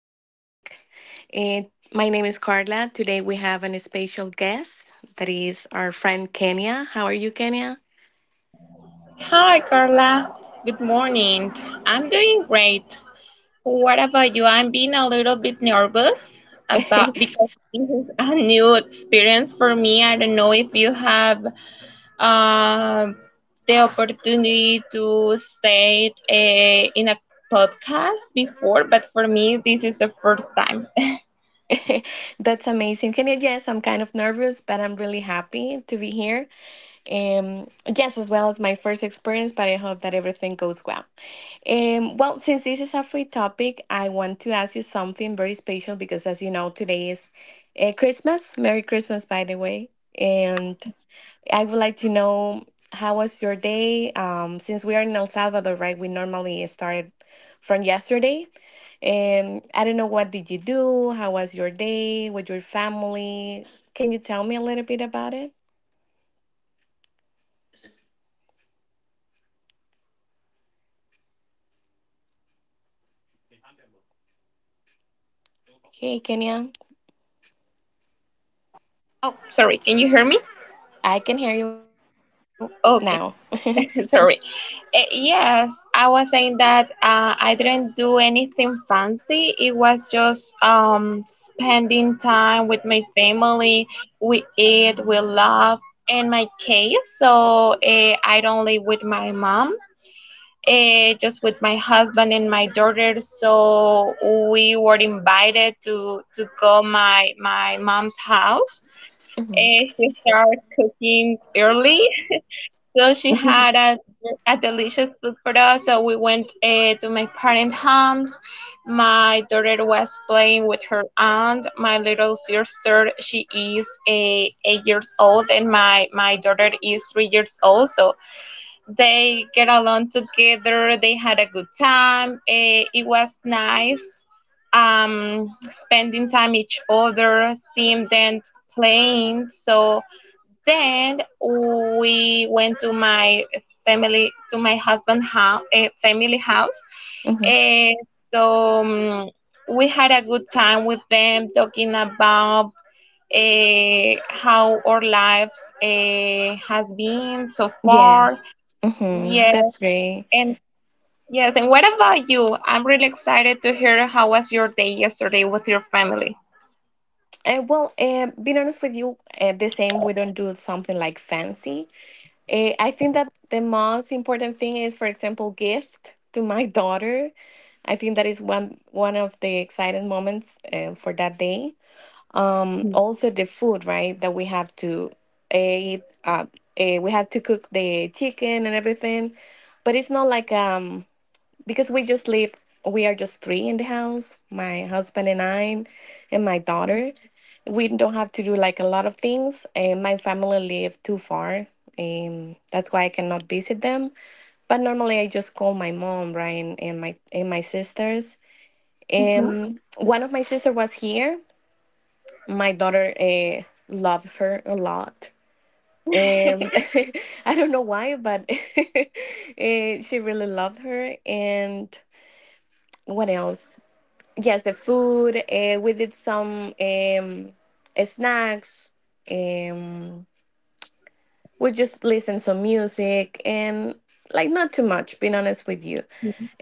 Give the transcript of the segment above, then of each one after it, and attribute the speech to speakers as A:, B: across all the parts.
A: free topic. And my name is Carla. Today we have an special guest that is our friend Kenya. How are you, Kenya?
B: Hi, Carla. Good morning. I'm doing great. What about you? I'm being a little bit nervous about because this is a new experience for me. I don't know if you have um, the opportunity to stay in a podcast before, but for me, this is the first time.
A: That's amazing. Can you yes, I'm kind of nervous, but I'm really happy to be here. Um, yes, as well as my first experience, but I hope that everything goes well. Since this is a free topic, I want to ask you something very special because, as you know, today is Christmas. Merry Christmas, by the way. And. I would like to know how was your day? Since we are in El Salvador, right? We normally started from yesterday. And I don't know, what did you do? How was your day with your family? Can you tell me a little bit about it? Hey, Kenya,
B: Oh, sorry. Can you hear me?
A: I can hear you now.
B: Okay. Sorry. Yes, I was saying that I didn't do anything fancy. It was just spending time with my family. We eat, we laugh. In my case, so I don't live with my mom. Just with my husband and my daughter, so we were invited to go my mom's house.
A: Mhm.
B: She started cooking early, so she
A: Mhm.
B: had a delicious food for us. So we went to my parents' homes. My daughter was playing with her aunt. My little sister, she is a 8 years old, and my daughter is 3 years old. So they get along together. They had a good time. It was nice. Spending time each other, seeing them playing. So then we went to my family, to my husband' house, family house.
A: Mhm.
B: Eh, so we had a good time with them talking about how our lives has been so
A: Yeah,
B: far. Yes,
A: that's great.
B: and yes, and what about you? I'm really excited to hear how was your day yesterday with your family.
A: Being honest with you, the same, we don't do something like fancy. I think that the most important thing is, for example, gift to my daughter. I think that is one of the exciting moments for that day. Also the food, right? That we have to eat. We have to cook the chicken and everything, but it's not like because we are just three in the house, my husband and I and my daughter. We don't have to do like a lot of things, and my family live too far, and that's why I cannot visit them. But normally I just call my mom, right? And my sisters. One of my sister was here. My daughter loved her a lot. Um, I don't know why, but she really loved her. And what else? Yes, the food. We did some snacks. Um, we just listened some music, and like not too much, being honest with you.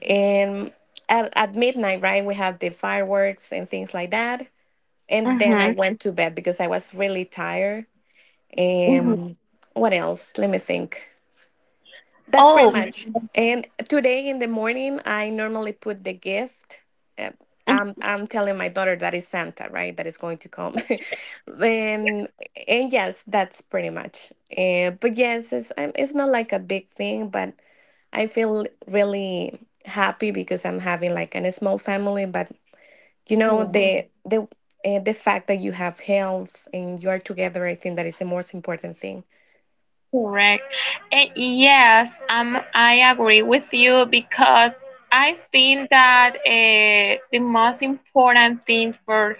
A: And at midnight, right, we had the fireworks and things like that. And then
B: Mm-hmm.
A: I went to bed because I was really tired. Um, what else? Let me think. That's pretty
B: Oh.
A: much. And today in the morning, I normally put the gift. uh, I'm telling my daughter that is Santa, right? That is going to come. And and yes, that's pretty much. But yes, it's not like a big thing, but I feel really happy because I'm having like a small family. But you know, the fact that you have health and you are together, I think that is the most important thing.
B: Correct. And yes, I agree with you because I think that the most important thing for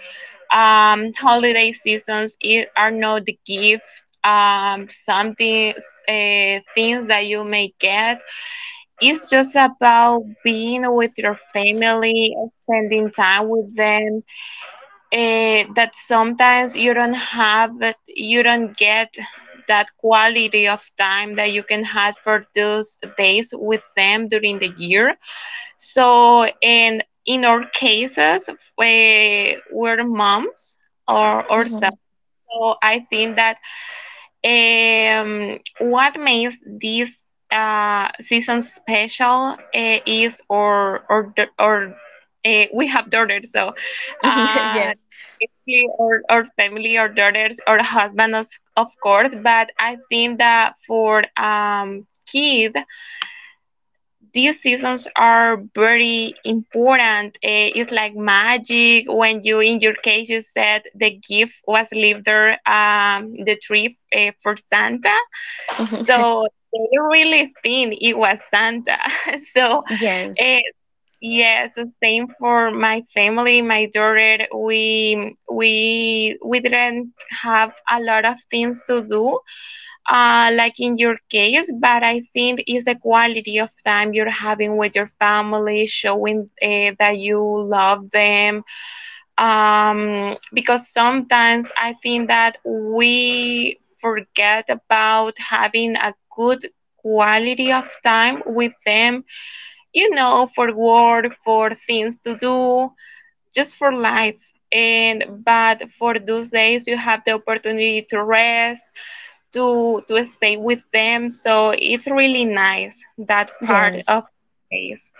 B: holiday seasons is are not the gifts, things that you may get. It's just about being with your family, spending time with them, that sometimes you don't have it, you don't get that quality of time that you can have for those days with them during the year. So, and in our cases, we, we're moms or ourselves.
A: Mhm.
B: So I think that what makes this season special is or we have daughters, so uh,
A: Yes.
B: basically or family or daughters or husband of course. But I think that for kid, these seasons are very important. It's like magic when you, in your case, you said the gift was left there, the tree for Santa.
A: Mhm.
B: So they really think it was Santa. So,
A: Yes.
B: uh, yes, same for my family, my daughter. We didn't have a lot of things to do, like in your case. But I think it's the quality of time you're having with your family, showing that you love them because sometimes I think that we forget about having a good quality of time with them, you know, for work, for things to do, just for life. And but for those days, you have the opportunity to rest, to stay with them. So it's really nice that part
A: Yes.
B: of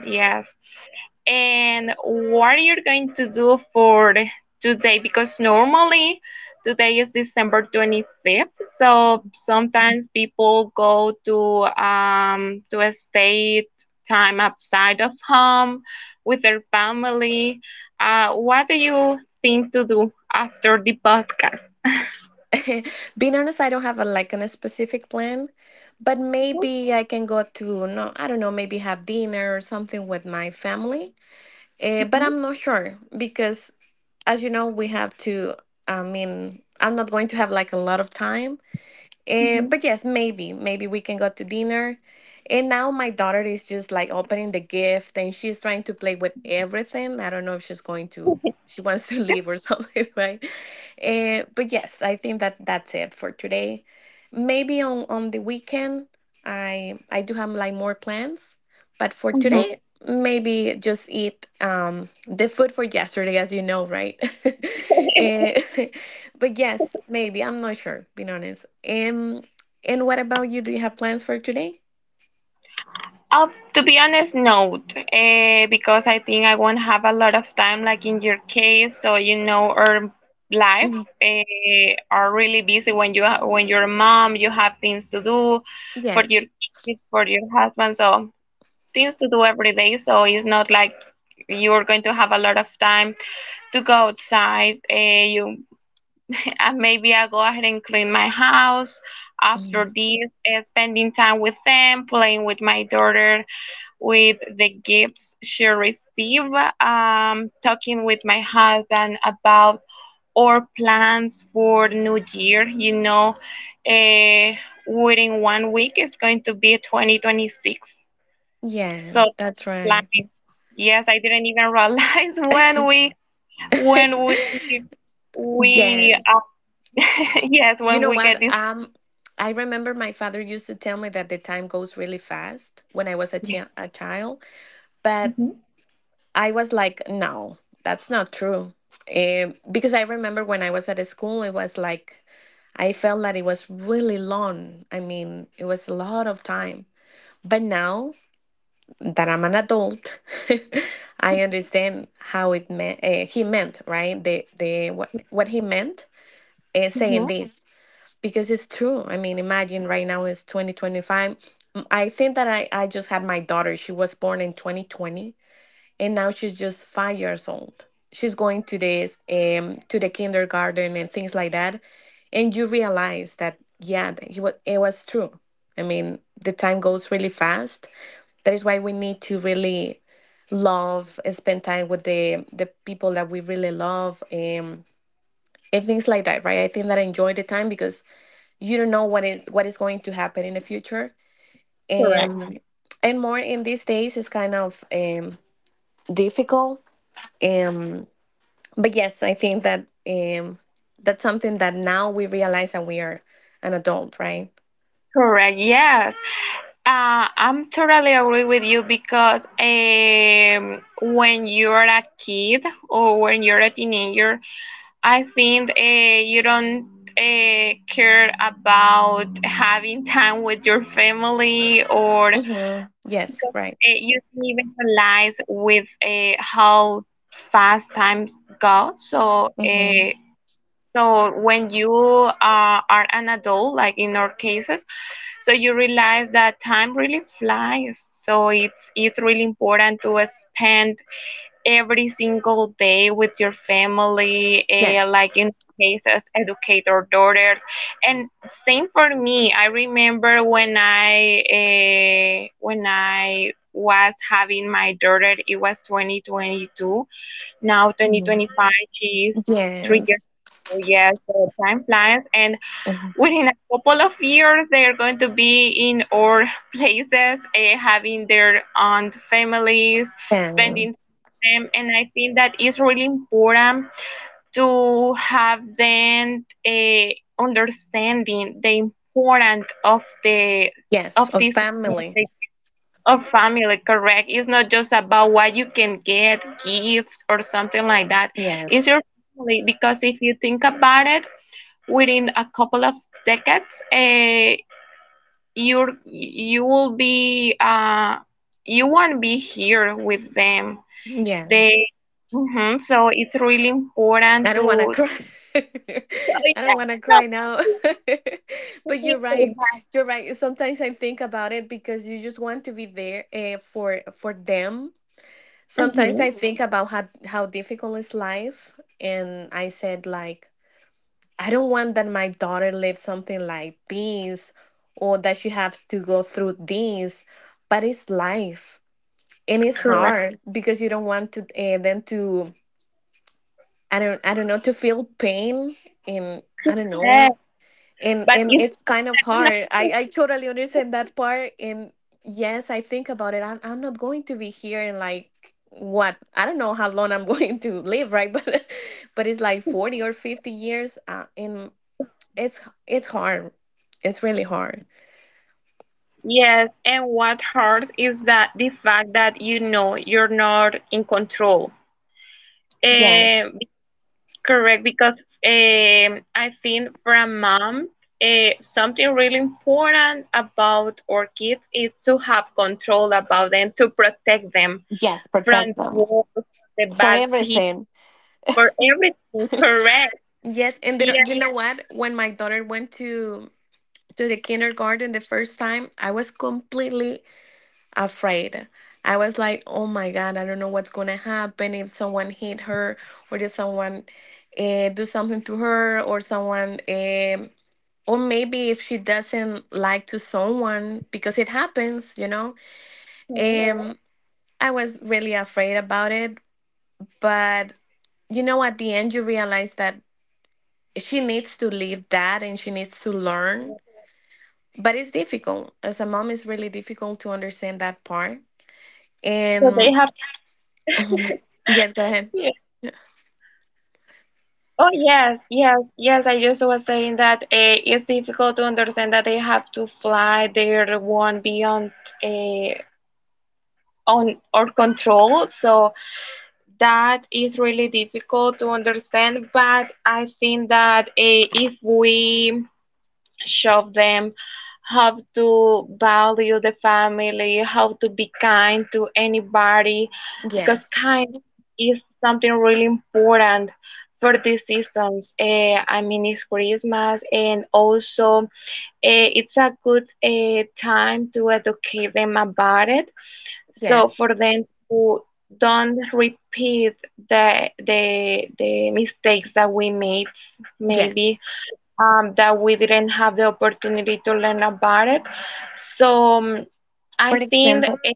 B: yes and what you're going to do for today because normally today is December 25th, so sometimes people go to a state time outside of home with their family. What do you think to do after the podcast?
A: Being honest, I don't have a like on a specific plan, but maybe I can go to no, I don't know, maybe have dinner or something with my family. But I'm not sure because, as you know, we have to. I mean, I'm not going to have like a lot of time. But yes, maybe, maybe we can go to dinner. And now my daughter is just like opening the gift and she's trying to play with everything. I don't know if she's going to, she wants to leave or something, right? But yes, I think that that's it for today. Maybe on the weekend, I do have like more plans, but for today, maybe just eat the food for yesterday, as you know, right? Eh, But yes, maybe. I'm not sure, being honest. And what about you? Do you have plans for today?
B: Uh, to be honest, no, because I think I won't have a lot of time, like in your case. So you know, our
A: Mhm.
B: life are really busy when you ha- when you're a mom, you have things to do for your
A: Yes.
B: kids, for your husband, so things to do every day. So it's not like you're going to have a lot of time to go outside. You and maybe I'll go ahead and clean my house. After
A: Mhm.
B: this, spending time with them, playing with my daughter, with the gifts she received, talking with my husband about our plans for the new year. You know, uh, within 1 week is going to be 2026. So,
A: Yes, that's right.
B: planning. Yes, I didn't even realize when we when we we
A: Yes.
B: uh, yes,
A: You
B: when
A: know
B: we get
A: what?
B: this.
A: I remember my father used to tell me that the time goes really fast when I was a
B: Yes.
A: chi a child, but
B: Mhm,
A: I was like, no, that's not true. Because I remember when I was at school, it was like I felt that it was really long. I mean, it was a lot of time. But now that I'm an adult, I understand how it meant. He meant, right, the what he meant, saying
B: mhm.
A: this, because it's true. I mean, imagine right now it's 2025. Mm, I think that I just had my daughter. She was born in 2020, and now she's just 5 years old. She's going to this to the kindergarten and things like that, and you realize that yeah, that he was it was true. I mean, the time goes really fast, that is why we need to really love, spend time with the people that we really love, and things like that, right? I think that I enjoy the time because you don't know what it what is going to happen in the future, and
B: Correct.
A: right. And more in these days is kind of difficult. Um, but yes, I think that that's something that now we realize that we are an adult, right?
B: Correct. Yes. I'm totally agree with you because when you're a kid or when you're a teenager, I think you don't care about having time with your family or
A: Mm-hmm.
B: because
A: Yes, right.
B: you don't even realize with how fast times go. So
A: Mm-hmm.
B: so when you are an adult, like in our cases, so you realize that time really flies. So it's really important to spend every single day with your family,
A: Yes.
B: like in cases, educate our daughters. And same for me. I remember when I was having my daughter, it was 2022. Now
A: hmm
B: 2025, she is 3 years
A: Yes.
B: old. Yes, so time flies. And
A: Mm-hmm.
B: within a couple of years they're going to be in our places, having their own families
A: Yeah.
B: spending time with them. And I think that is really important to have them, understanding the importance of the
A: Yes,
B: of
A: of
B: this
A: family.
B: economic- of family. Correct, it's not just about what you can get gifts or something like that, it's
A: Yes.
B: your family because if you think about it within a couple of decades, you will be you won't be here with them.
A: Yes.
B: They so it's really
A: I
B: important
A: don't want to
B: to.
A: cry.
B: So,
A: I don't
B: yeah,
A: want to cry now.
B: no, it's
A: But
B: really
A: you're right.
B: important.
A: You're right. Sometimes I think about it because you just want to be there for them. Sometimes
B: Mhm,
A: I think about how difficult is life, and I said like I don't want that my daughter lives something like this, or that she has to go through this. But it's life and it's
B: correct.
A: hard because you don't want to them to, I don't, I don't know, to feel pain and I don't know,
B: But
A: and
B: it's
A: it's kind of hard. I totally understand that part, and yes, I think about it. I'm not going to be here in like what I don't know how long I'm going to live, right? But it's like 40 or 50 years, and it's it's hard, it's really hard.
B: yes, and what hurts is that the fact that you know you're not in control. Uh,
A: Yes,
B: Correct because I think for a mom, something really important about our kids is to have control about them, to protect them
A: yes,
B: from
A: protect them
B: war, from the
A: for
B: bad people,
A: everything.
B: for everything. Correct.
A: Yes, and there, are-
B: Yes.
A: you know what? When my daughter went to the kindergarten the first time, I was completely afraid. I was like, "Oh my God, I don't know what's gonna happen if someone hit her, or did someone do something to her, or someone, or maybe if she doesn't like to someone, because it happens, you know."
B: Mhm.
A: Um, I was really afraid about it, but you know, at the end, you realize that she needs to leave that and she needs to learn. But it's difficult. As a mom, it's really difficult to understand that part.
B: So they
A: And
B: have.
A: Mhm. yes, go ahead.
B: Yeah. Oh yes, yes, yes. I just was saying that it's difficult to understand that they have to fly their one beyond uh, on or control. So that is really difficult to understand, but I think that if we show them how to value the family, how to be kind to anybody, because
A: Yes,
B: kind is something really important for these seasons. I mean, it's Christmas, and also it's a good time to educate them about it, so
A: yes,
B: for them to don't repeat the mistakes that we made,
A: yes.
B: maybe that we didn't have the opportunity to learn about it. So um, I
A: For
B: think
A: example,
B: eh,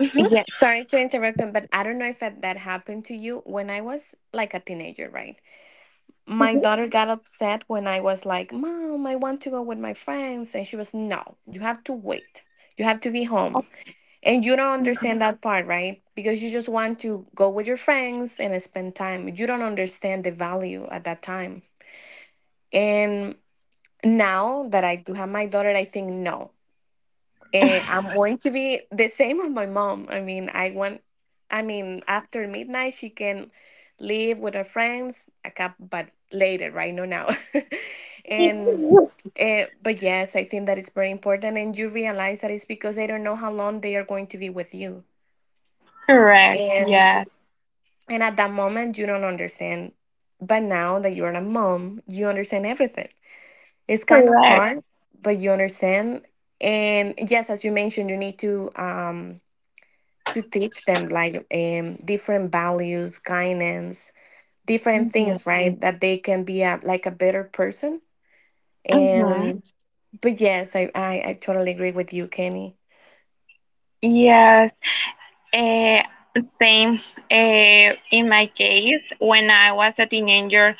B: mhm,
A: yeah, sorry to interrupt, them, but I don't know if that, that happened to you. When I was like a teenager, right? My daughter got upset when I was like, "Mom, I want to go with my friends." And she was, "No, you have to wait. You have to be home." And you don't understand that part, right? Because you just want to go with your friends and spend time. You don't understand the value at that time. And now that I do have my daughter, I think no. And I'm going to be the same with my mom. I mean, I want, I mean, after midnight, she can leave with her friends, a cup, but later, right? No, now. and But yes, I think that is very important, and you realize that it's because they don't know how long they are going to be with you.
B: correct. Mm-hmm. Mm-hmm.
A: And
B: Yeah.
A: And at that moment, you don't understand. But now that you're a mom, you understand everything. It's kind of
B: Correct.
A: hard, but you understand. And yes, as you mentioned, you need to teach them like different values, guidance, different things, right? Mhm. That they can be a like a better person.
B: hmm hmm
A: And but yes, I totally agree with you, Kenny.
B: Yes. Uh, same in my case, when I was a teenager,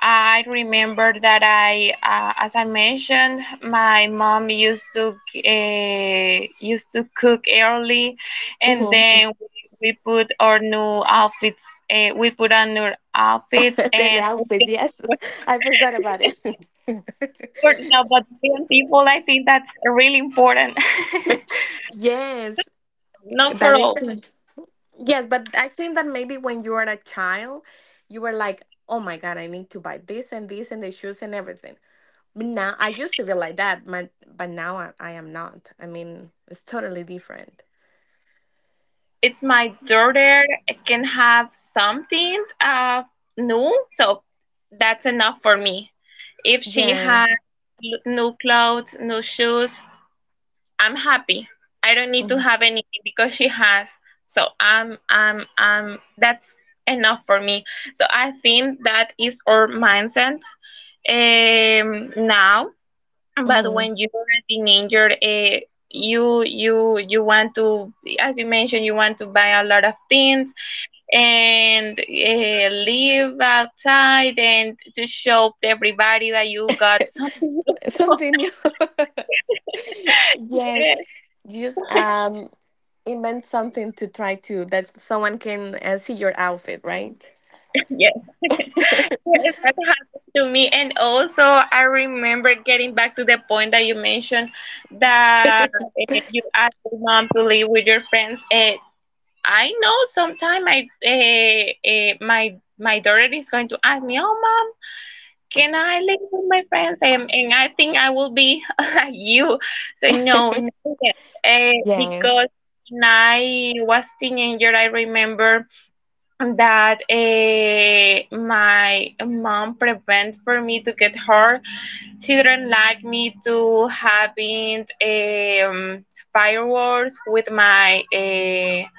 B: I remember that I, as I mentioned, my mom used to used to cook early, and
A: Mhm.
B: then we put our new outfits. We put on new outfits,
A: The
B: and we
A: outfits,
B: think-
A: yes,
B: but
A: I forgot about it.
B: for now, but young people, I think that's really important.
A: Yes,
B: Not for
A: that is
B: all.
A: correct. Yes, but I think that maybe when you were a child, you were like, oh my God, I need to buy this and this and the shoes and everything. But now I used to feel like that, but now I am not. I mean, it's totally different.
B: It's my daughter. It can have something new, so that's enough for me. If she
A: Yeah.
B: has new clothes, new shoes, I'm happy. I don't need to have anything because she has. So I'm that's enough for me. So I think that is our mindset, now but
A: Mm-hmm.
B: when you're a teenager, you want to, as you mentioned, you want to buy a lot of things and live outside and to show to everybody that you got something.
A: Something new. Yes. You just invent something to try to, that someone can see your outfit, right?
B: Yes, yes, that happened to me. And also, I remember getting back to the point that you mentioned that you asked your mom to live with your friends. I know sometime I my my daughter is going to ask me, "Oh, mom, can I live with my friends?" And I think I will be like you. So no, no, uh,
A: Yes.
B: because when I was teenager, I remember that my mom prevent for me to get hurt. Children like me to having fireworks with my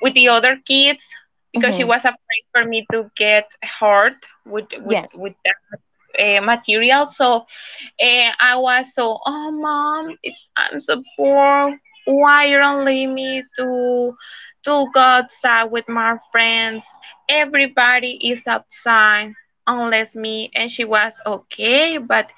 B: with the other kids because she
A: hmm
B: was afraid for me to get hurt with with
A: Yes.
B: with that material. So I was so oh mom, it, I'm so poor. Why you don't leave me to go outside with my friends? Everybody is outside unless me. And she was okay, but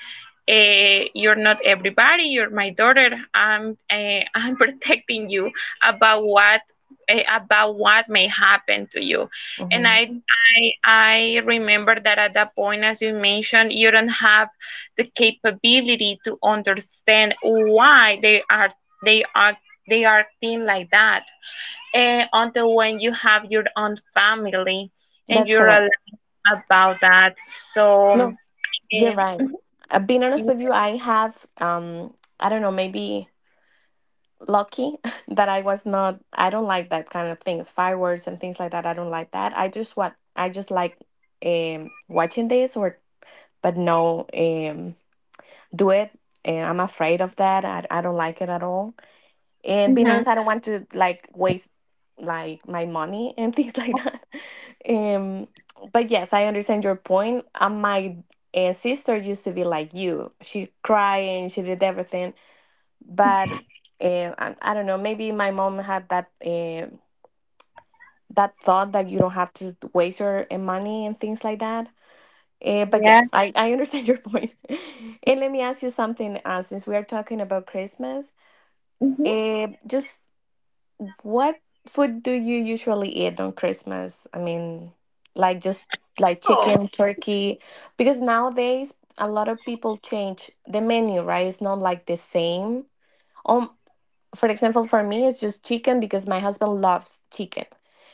B: you're not everybody, you're my daughter. I'm protecting you about what, about what may happen to you. And I,
A: hmm
B: I i remember that at that point, as you mentioned, you don't have the capability to understand why they are they are thin like that, until when you have your own family and
A: That's
B: you
A: correct.
B: realize about that. So,
A: No. You're
B: eh,
A: right.
B: mhm,
A: Being honest with you,
B: y-
A: I have I don't know, maybe lucky that I was not I don't like that kind of things, fireworks and things like that. I don't like that. I just what I just like watching this or but no do it, and I'm afraid of that. I don't like it at all. And being
B: mhm,
A: honest, I don't want to like waste like my money and things like that. Um, but yes, I understand your point. My sister used to be like you. She cried and she did everything, but I don't know. Maybe my mom had that thought that you don't have to waste your money and things like that. But
B: yeah.
A: yes, I understand your point. And let me ask you something. Since we are talking about Christmas, just what food do you usually eat on Christmas? I mean, like just like chicken, turkey, because nowadays a lot of people change the menu, right? It's not like the same. Um, for example, for me, it's just chicken because my husband loves chicken.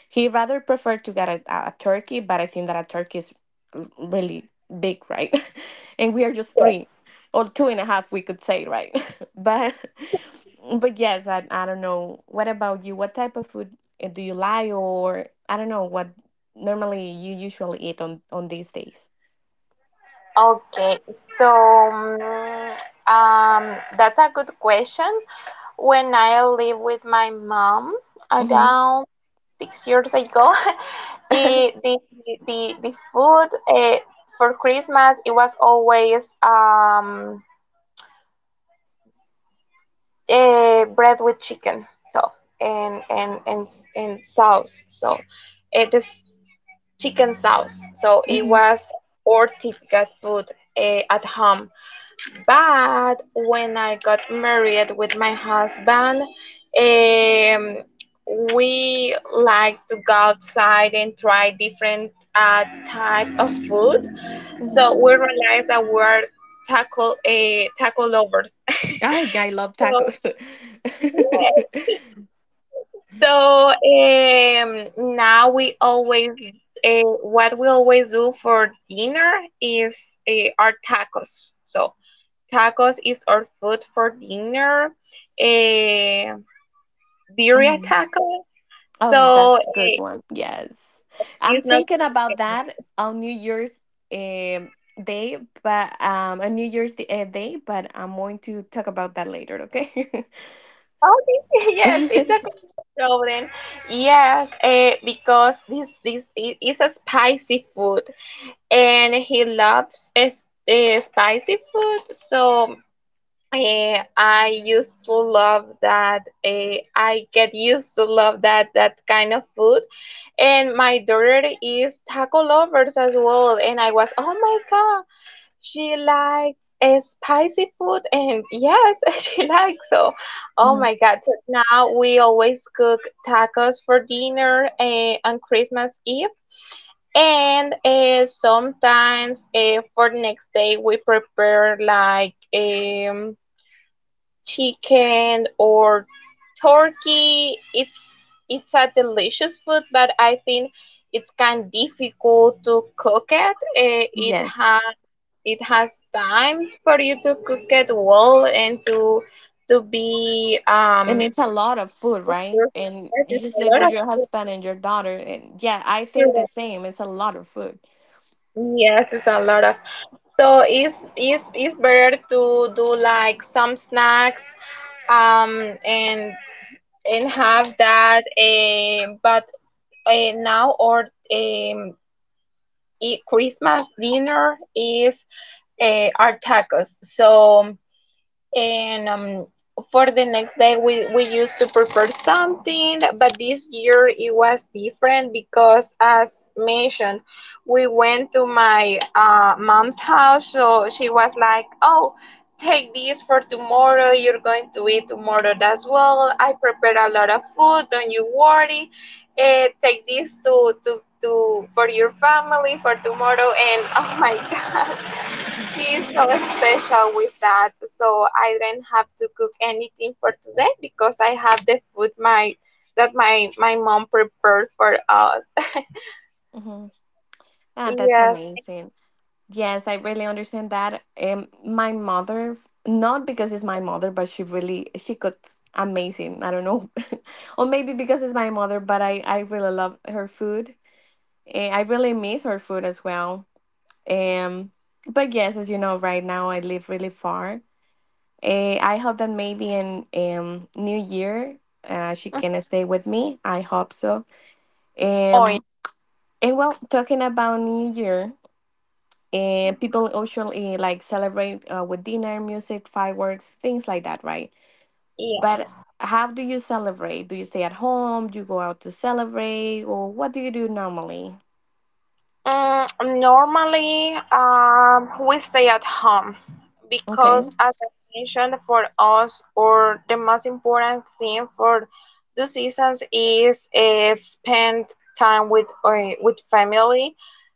A: He rather prefer to get a turkey, but I think that a turkey is really big, right? And we are just three or two and a half, we could say, right? but but yes, I don't know. What about you? What type of food do you like, or I don't know what normally you usually eat on these days?
B: Okay, so that's a good question. When I lived with my mom
A: Hmm.
B: around 6 years ago, it, the food for Christmas it was always bread with chicken, so and and and and sauce. So it is chicken sauce. So it
A: Hmm.
B: was our typical food at home. But when I got married with my husband, um, we like to go outside and try different type of food.
A: Hmm.
B: So we realized that we're taco a taco lovers.
A: I love
B: So
A: tacos.
B: yeah, so now we always, what we always do for dinner is our tacos. So tacos is our food for dinner. Uh, Birria
A: Hmm.
B: tacos.
A: Oh,
B: So,
A: that's a good one. Yes. I'm
B: it's not
A: thinking about
B: chicken.
A: that on New Year's um, Day, but on New Year's Day, but I'm going to talk about that later, okay?
B: Okay, yes, it's okay, no problem. Yes, because this is a spicy food, and he loves a spicy food. So, I used to love that. I get used to love that kind of food, and my daughter is taco lovers as well. And I was, oh my god, she likes spicy food, and yes, she likes so. Oh
A: Mhm.
B: my god! So now we always cook tacos for dinner on Christmas Eve. And sometimes for the next day we prepare like chicken or turkey. It's a delicious food, but I think it's kind of difficult to cook it. It
A: Yes.
B: has it has time for you to cook it well and to be
A: And it's a
B: a
A: lot of food,
B: delicious
A: right?
B: turkey.
A: And
B: Yes,
A: you
B: it's
A: just
B: a
A: live
B: lot
A: with
B: of
A: your
B: food
A: husband and your daughter. And yeah, I think the
B: to-
A: same. It's a lot of food.
B: yes, it's a lot of. So it's better to do like some snacks, um and and have that, but now or um, Christmas dinner is our tacos. So, and for the next day we used to prepare something, but this year it was different because as mentioned, we went to my mom's house. So she was like, oh, take this for tomorrow, you're going to eat tomorrow as well. I prepared a lot of food, don't you worry. Take this to for your family for tomorrow. And oh my god.
A: Hmm.
B: She's so special with that, so I didn't have to cook anything for today because I have the food my that my mom prepared for us.
A: Hmm. Ah, that's
B: Yes.
A: amazing. Yes, I really understand that. My mother, not because it's my mother, but she cooks amazing. I don't know, or maybe because it's my mother, but I really love her food. I really miss her food as well. Um, but yes, as you know, right now I live really far. I hope that maybe in New Year, she
B: Mm.
A: can stay with me. I hope so.
B: Oh, yeah.
A: Um, and well, talking about New Year, and
B: Mhm.
A: people usually like celebrate with dinner, music, fireworks, things like that, right?
B: Yeah.
A: But how do you celebrate? Do you stay at home? Do you go out to celebrate, or what do you do normally?
B: Normally, we stay at home
A: Okay.
B: because, as I mentioned, for us, or the most important thing for the seasons is spend time with with family.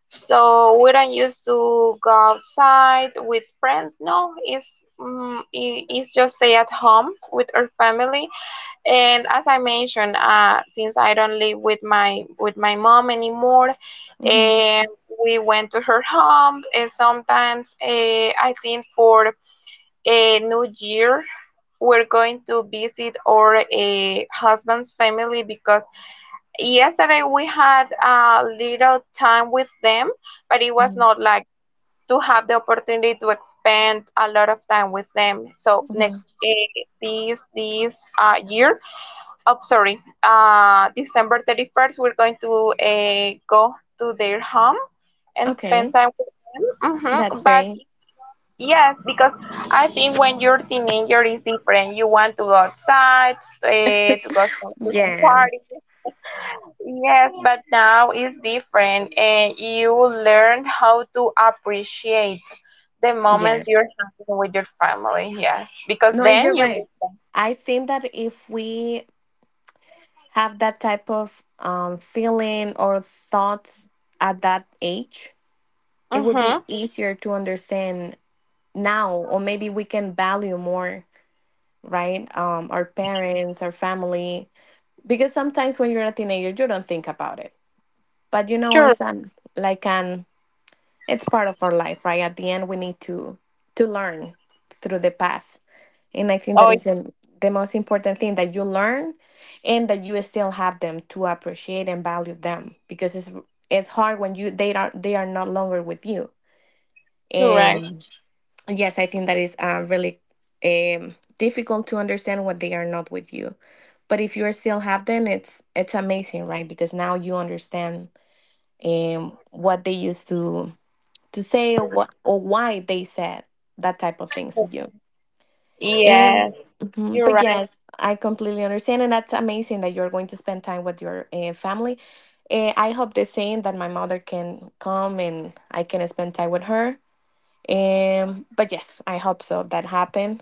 B: So we don't used to go outside with friends. No, it's it's just stay at home with our family. And as I mentioned, since I don't live with my mom anymore,
A: Mm-hmm.
B: and we went to her home. And sometimes, I think for a New Year, we're going to visit our husband's family because yesterday we had a little time with them, but it was
A: Mm-hmm.
B: not like to have the opportunity to spend a lot of time with them. So
A: Hmm.
B: next this this year, oh sorry, December 31st we're going to go to their home and spend
A: Okay,
B: time with them. Hmm.
A: that's
B: But
A: great.
B: yes, because I think when you're teenager is different, you want to go outside to go to some
A: Yeah.
B: party. Yes, but now it's different, and you learn how to appreciate the moments
A: Yes.
B: you're having with your family. Yes, because
A: No, and you're
B: then you miss
A: right.
B: them.
A: I think that if we have that type of feeling or thoughts at that age, it would be
B: Mm-hmm.
A: easier to understand now. Or maybe we can value more, right, our parents, our family. Because sometimes when you're a teenager, you don't think about it, but you know it's
B: Correct.
A: an like an it's part of our life, right? At the end we need to learn through the path. And I think that
B: Oh,
A: is
B: it's
A: the most important thing that you learn and that you still have them to appreciate and value them, because it's hard when you they are not longer with you
B: correct.
A: and. Yes, I think that is really difficult to understand when they are not with you. But if you are still have them, it's amazing, right? Because now you understand what they used to say or what or why they said that type of things to you. And,
B: Yes,
A: mhm,
B: you're
A: but
B: right.
A: yes, I completely understand, and that's amazing that you're going to spend time with your family. I hope the same that my mother can come and I can spend time with her. But yes, I hope so that happen,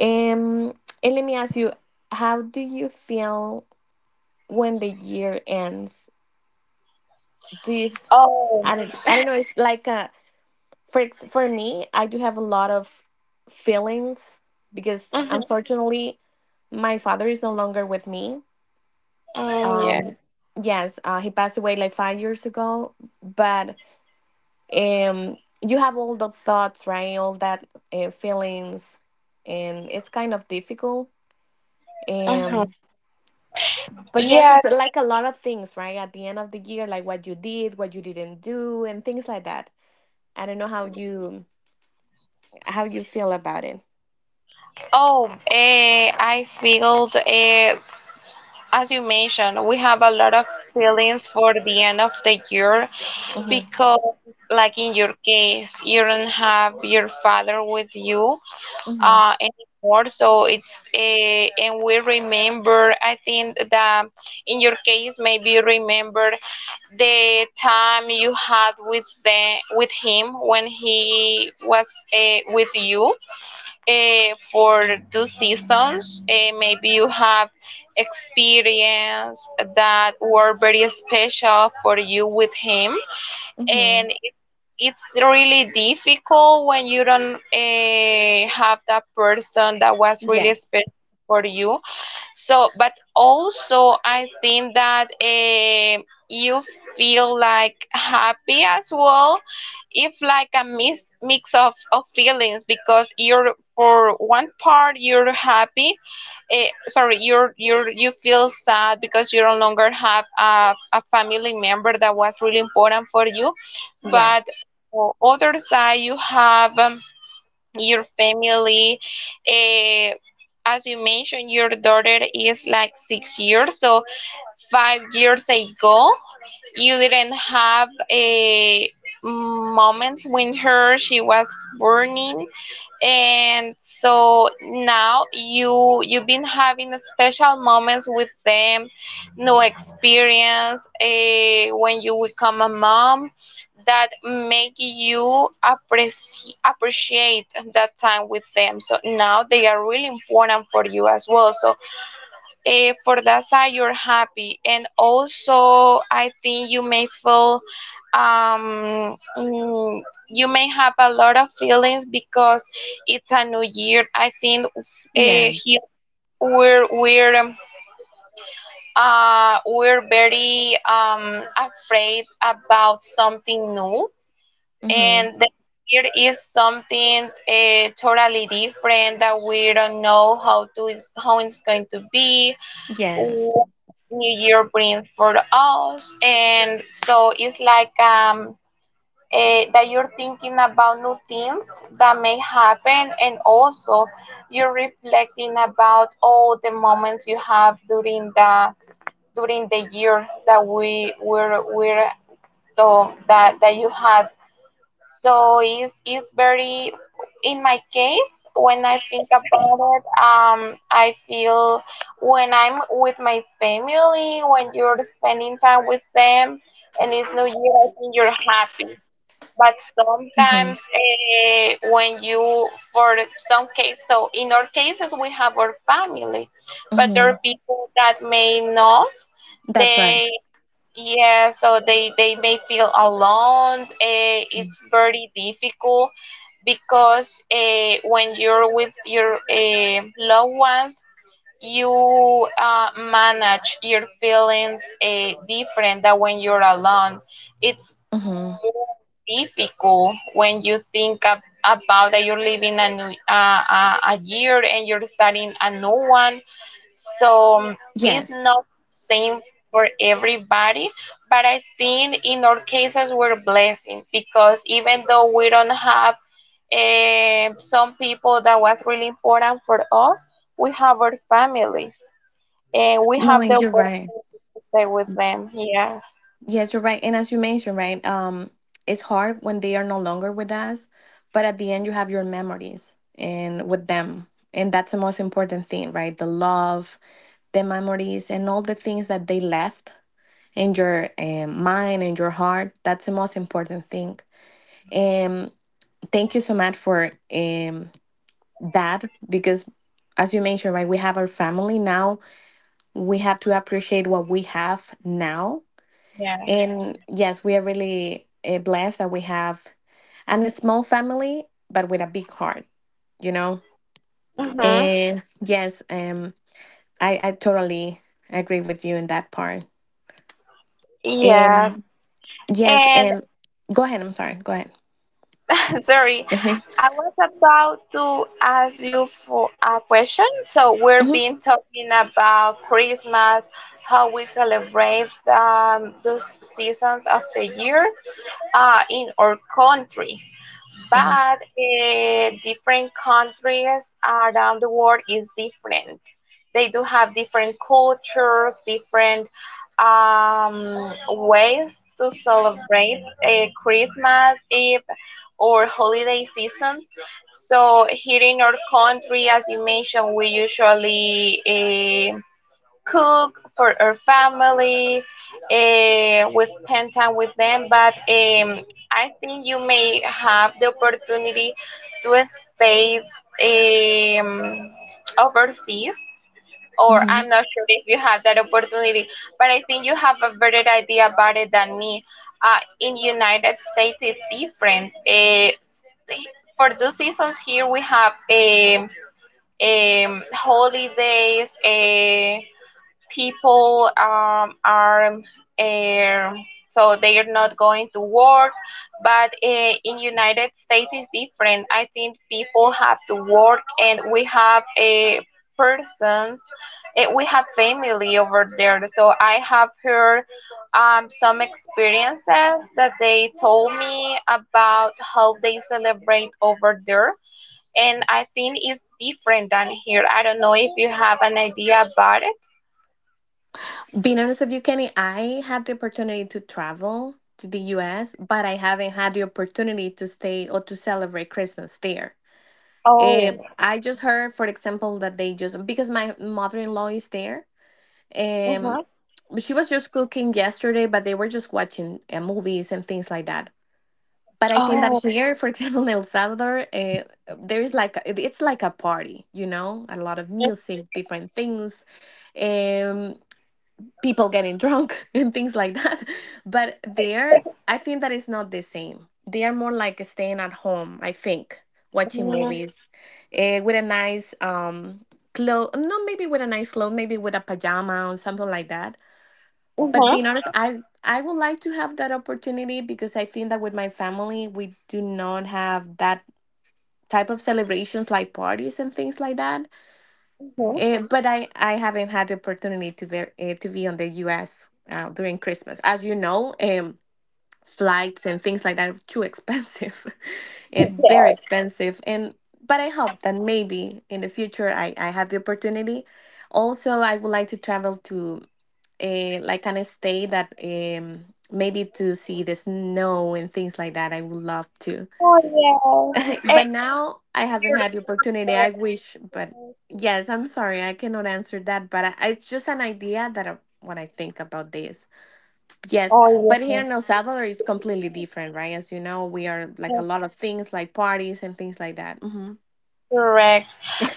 A: um, and let me ask you, how do you feel when the year ends? This,
B: Oh.
A: I don't know. It's like for me, I do have a lot of feelings because
B: Hmm.
A: unfortunately, my father is no longer with me.
B: Yeah.
A: Um, yes, he passed away like 5 years ago. But you have all the thoughts, right? All that feelings, and it's kind of difficult.
B: Hmm.
A: Um. But yes, it's
B: Yes.
A: like a lot of things, right? At the end of the year, like what you did, what you didn't do, and things like that. I don't know how you feel about it.
B: Oh, I feel as you mentioned, we have a lot of feelings for the end of the year
A: Mm-hmm.
B: because, like in your case, you don't have your father with you,
A: Mm-hmm.
B: anymore. So it's a, and we remember, I think that in your case, maybe remember the time you had with the, with him when he was with you for two seasons. Maybe you have experience that were very special for you with him,
A: Mm-hmm.
B: and it's really difficult when you don't have that person that was really
A: Yes.
B: special for you. So, but also I think that you feel like happy as well if like a mix of feelings because you're, for one part you're happy, sorry, you feel sad because you no longer have a family member that was really important for you, but
A: Yes.
B: on other side you have your family. eh, as you mentioned, your daughter is like 6 years, so 5 years ago, you didn't have a moment when her she was burning. And so now you've been having special moments with them, new experience, when you become a mom that make you appreciate that time with them. So now they are really important for you as well. So for that side you're happy. And also I think you may feel you may have a lot of feelings because it's a new year. I think
A: Yeah.
B: here we're we're um, we're very afraid about something new,
A: Mm-hmm.
B: and then here is something totally different that we don't know how to is how it's going to be,
A: Yes.
B: what new year brings for us. And so it's like that you're thinking about new things that may happen. And also you're reflecting about all the moments you have during the year that we were so that you had. So it's very, in my case, when I think about it, I feel when I'm with my family, when you're spending time with them and it's New Year, I think you're happy. But
A: Mm-hmm.
B: sometimes when you, for some case, so in our cases, we have our family, but there are
A: Mm-hmm.
B: people that may not.
A: That's right.
B: They. Yeah, so they may feel alone. It's very difficult because when you're with your loved ones, you manage your feelings different than when you're alone. It's
A: Mm-hmm.
B: more difficult when you think about that you're living a new a year and you're starting a new one. So it's
A: Yes.
B: not same for everybody, but I think in our cases we're blessing because even though we don't have some people that was really important for us, we have our families and we
A: No,
B: have the
A: and you're right.
B: opportunity to stay with them. Yes.
A: Yes, you're right. And as you mentioned, right, it's hard when they are no longer with us, but at the end, you have your memories and with them, and that's the most important thing, right? The love, the memories and all the things that they left in your mind and your heart, that's the most important thing. And thank you so much for that, because as you mentioned, right, we have our family now. We have to appreciate what we have now.
B: Yeah.
A: And yes, we are really blessed that we have and a small family but with a big heart you know
B: Mm-hmm.
A: and yes, I totally agree with you in that part
B: Yes.
A: um Yes,
B: And
A: and go ahead. I'm sorry. Go ahead.
B: sorry, I was about to ask you for a question. So we're
A: Hmm.
B: been talking about Christmas, how we celebrate those seasons of the year, in our country.
A: Hmm.
B: But different countries around the world is different. They do have different cultures, different ways to celebrate Christmas Eve or holiday seasons. So here in our country, as you mentioned, we usually cook for our family. We spend time with them, but I think you may have the opportunity to stay um, overseas. Or
A: Hmm.
B: I'm not sure if you have that opportunity, but I think you have a better idea about it than me. In United States, it's different. For those seasons here, we have a holidays. People are so they are not going to work, but in United States is different. I think people have to work, and we have a persons, we have family over there. So I have heard some experiences that they told me about how they celebrate over there, and I think it's different than here. I don't know if you have an idea about it.
A: Being honest with you, Kenny, I had the opportunity to travel to the US, but I haven't had the opportunity to stay or to celebrate Christmas there. I just heard, for example, that they just because my mother in law is there, um, she was just cooking yesterday, but they were just watching movies and things like that. But I think that
B: Oh.
A: here, for example, in El Salvador, there is like it's like a party, you know, a lot of music, different things, um, people getting drunk and things like that. But there, I think that it's not the same. They are more like staying at home, I think, watching movies, with a nice clothes, not maybe with a nice clothes, maybe with a pajama or something like that. But being honest, I would like to have that opportunity because I think that with my family we do not have that type of celebrations like parties and things like that. But I haven't had the opportunity to be on the US during Christmas. As you know, flights and things like that are too expensive and very expensive. And but I hope that maybe in the future I have the opportunity. Also I would like to travel to like on a stay that maybe to see the snow and things like that. I would love to.
B: Oh yes,
A: But
B: and
A: now I haven't
B: you're
A: had
B: the
A: the opportunity. I
B: gorgeous.
A: wish, but yes, I'm sorry, I cannot answer that. But it's just an idea that when I think about this, yes.
B: Oh
A: But here
B: yes,
A: in El Salvador, it's completely different, right? As you know, we are like a lot of things, like parties and things like that. Hmm.
B: correct.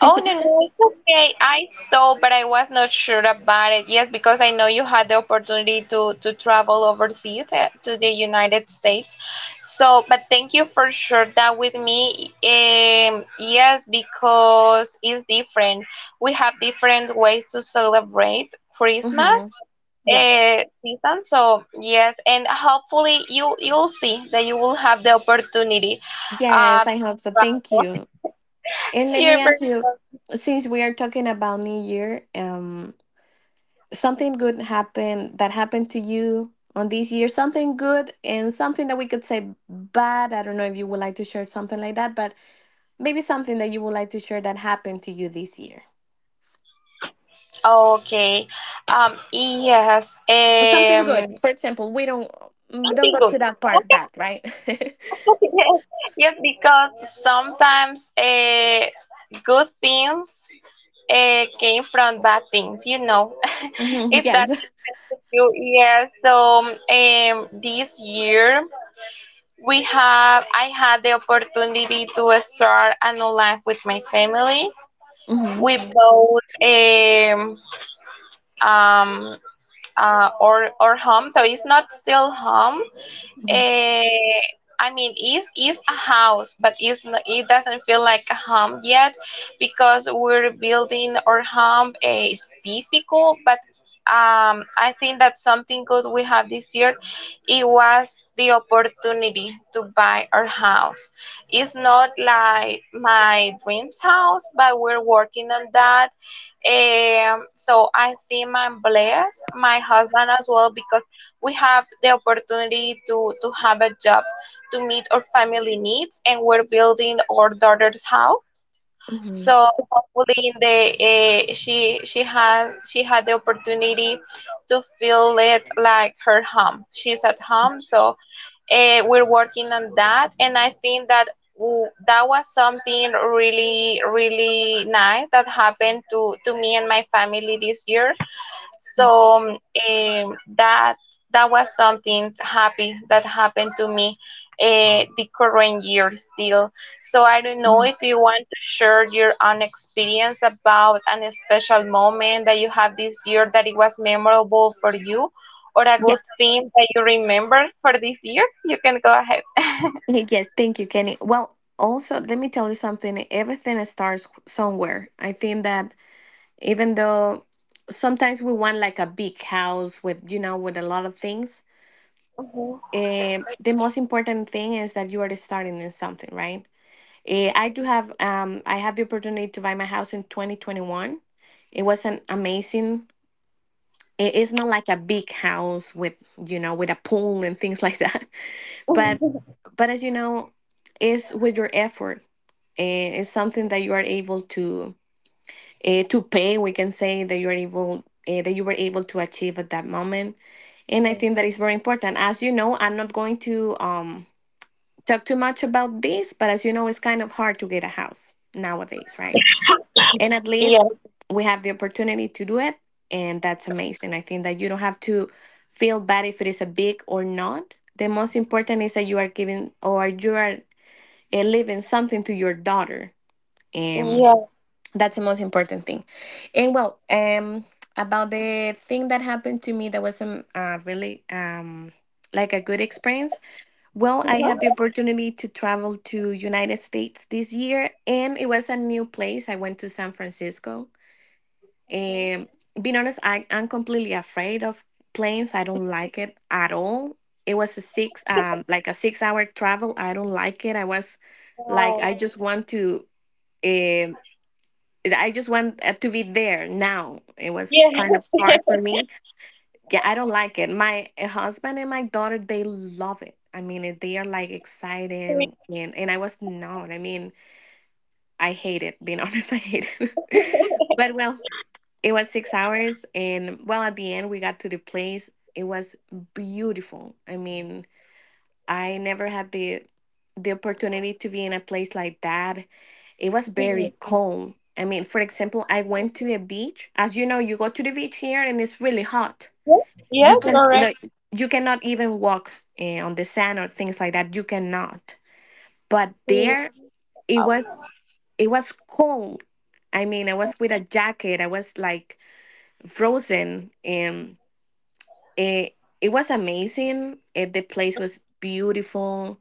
B: Oh, no, no, it's okay. I saw, but I was not sure about it. Yes, because I know you had the opportunity to travel overseas to the United States. So, but thank you for sharing that with me. Yes, because it's different. We have different ways to celebrate
A: Hmm.
B: Christmas
A: Yes.
B: season. So, yes, and hopefully you'll see that you will have the opportunity.
A: Yes,
B: Uh,
A: I hope so. Thank you. And let me
B: you're very
A: ask you,
B: good.
A: since we are talking about New Year, something good happened that happened to you on this year, something good and something that we could say bad. I don't know if you would like to share something like that, but maybe something that you would like to share that happened to you this year.
B: Okay. Yes.
A: Something good, for example, we don't
B: Something
A: go
B: good.
A: to
B: Okay.
A: that part bad, right?
B: Yes. Yes, because sometimes good things came from bad things, you know.
A: Mhm.
B: If that
A: Yes.
B: makes sense to you, yes. So this year we have I had the opportunity to start a new life with my family.
A: Mm-hmm.
B: We bought um or home. So it's not still home.
A: Mm-hmm.
B: Eh, I mean, it's a house, but it's not, it doesn't feel like a home yet because we're building our home. It's difficult, but I think that something good we have this year, it was the opportunity to buy our house. It's not like my dreams house, but we're working on that. So I think I'm blessed, my husband as well, because we have the opportunity to have a job to meet our family needs, and we're building our daughter's house.
A: Mm-hmm.
B: So hopefully, in the she had the opportunity to feel it like her home. She's at home, so we're working on that, and I think that that was something really really nice that happened to me and my family this year. So that that was something happy that happened to me, the current year still. So I don't know if you want to share your own experience about an special moment that you have this year that it was memorable for you, or a good
A: Yes.
B: thing that you remember for this year. You can go ahead.
A: Yes, thank you, Kenny. Well, also, let me tell you something. Everything starts somewhere. I think that even though sometimes we want like a big house with a lot of things, the most important thing is that you are starting in something, right? I had the opportunity to buy my house in 2021. It was an amazing, it's not like a big house with a pool and things like that. But, but as you know, it's with your effort uh, is something that you are able to pay. We can say that you are able that you were able to achieve at that moment, and I think that is very important. As you know, I'm not going to talk too much about this, but as you know, it's kind of hard to get a house nowadays, right? And at least
B: Yeah.
A: we have the opportunity to do it, and that's amazing. I think that you don't have to feel bad if it is a big or not. The most important is that you are giving or you are leaving something to your daughter, and
B: Yeah.
A: that's the most important thing. And well, about the thing that happened to me that was really like a good experience. Well, I had the opportunity to travel to United States this year, and it was a new place. I went to San Francisco. And being honest, I'm completely afraid of planes. I don't like it at all. It was like a 6-hour travel. I don't like it. I was like,
B: Wow.
A: eh, I just want to be there now. It was
B: Yeah.
A: kind of hard for
B: It's
A: me. Yeah, I don't like it. My husband and my daughter, they love it. I mean, they are like excited,
B: me.
A: and I was not. I mean, I hate it. Being honest, I hate it. But well, it was 6 hours, and well, at the end we got to the place. It was beautiful. I mean, I never had the opportunity to be in a place like that. It was
B: Mhm.
A: very cold. I mean, for example, I went to the beach. As you know, you go to the beach here and it's really hot.
B: Yes. Yes.
A: You can
B: Correct.
A: like
B: It's
A: you cannot even walk on the sand or things like that. You cannot. But
B: me.
A: there it was it was cold. I mean, I was with a jacket. I was like frozen, and it it was amazing. The place was beautiful.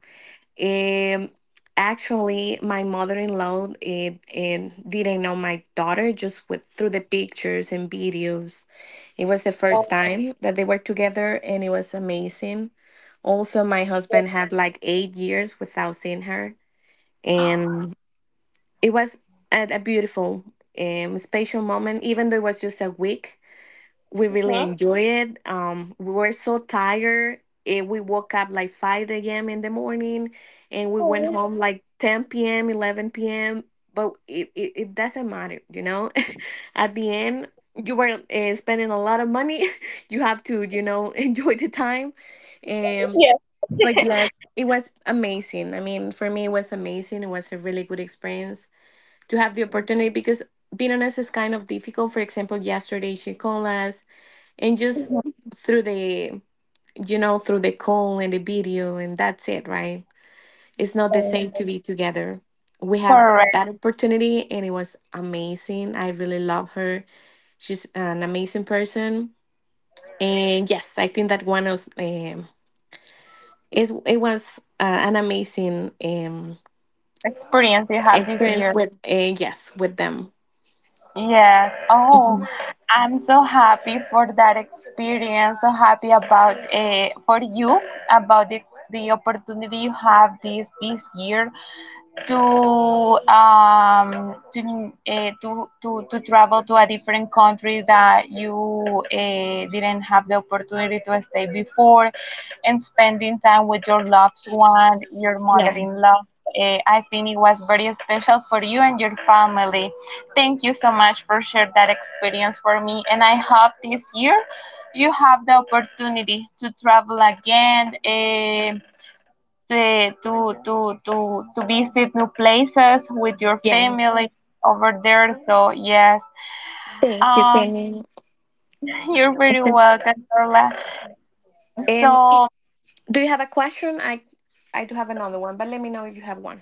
A: Um, Actually, my mother-in-law, it didn't know my daughter, just with through the pictures and videos. It was the first
B: Oh.
A: time that they were together, and it was amazing. Also, my husband had like 8 years without seeing her, and it was a beautiful, special moment. Even though it was just a week, we really enjoy it. We were so tired. And we woke up like 5 a.m. in the morning, and we went
B: Mhm.
A: home like 10 p.m., 11 p.m. But it doesn't matter, you know? At the end, you were spending a lot of money. You have to, enjoy the time. Um,
B: Yes.
A: but yes, it was amazing. I mean, for me, it was amazing. It was a really good experience to have the opportunity, because being honest is kind of difficult. For example, yesterday she called us, and just through the through the call and the video, and that's it, right? It's not the same to be together. We have
B: Correct.
A: that opportunity, and it was amazing. I really love her. She's an amazing person. And yes, I think that one was is it was an amazing
B: Experience you have this
A: experience
B: year.
A: with yes, with them.
B: Yes. Oh,
A: Mhm.
B: I'm so happy for that experience. So happy about for you about the opportunity you have this this year, to to travel to a different country that you didn't have the opportunity to stay before, and spending time with your loved one, your
A: Yeah,
B: mother-in-law. I think it was very special for you and your family. Thank you so much for sharing that experience for me, and I hope this year you have the opportunity to travel again. To visit new places with your
A: yes,
B: family over there. So yes,
A: thank you,
B: um,
A: Kenny.
B: you're very welcome, Carla.
A: um
B: So.
A: Do you have a question? I do have another one, but let me know if you have one.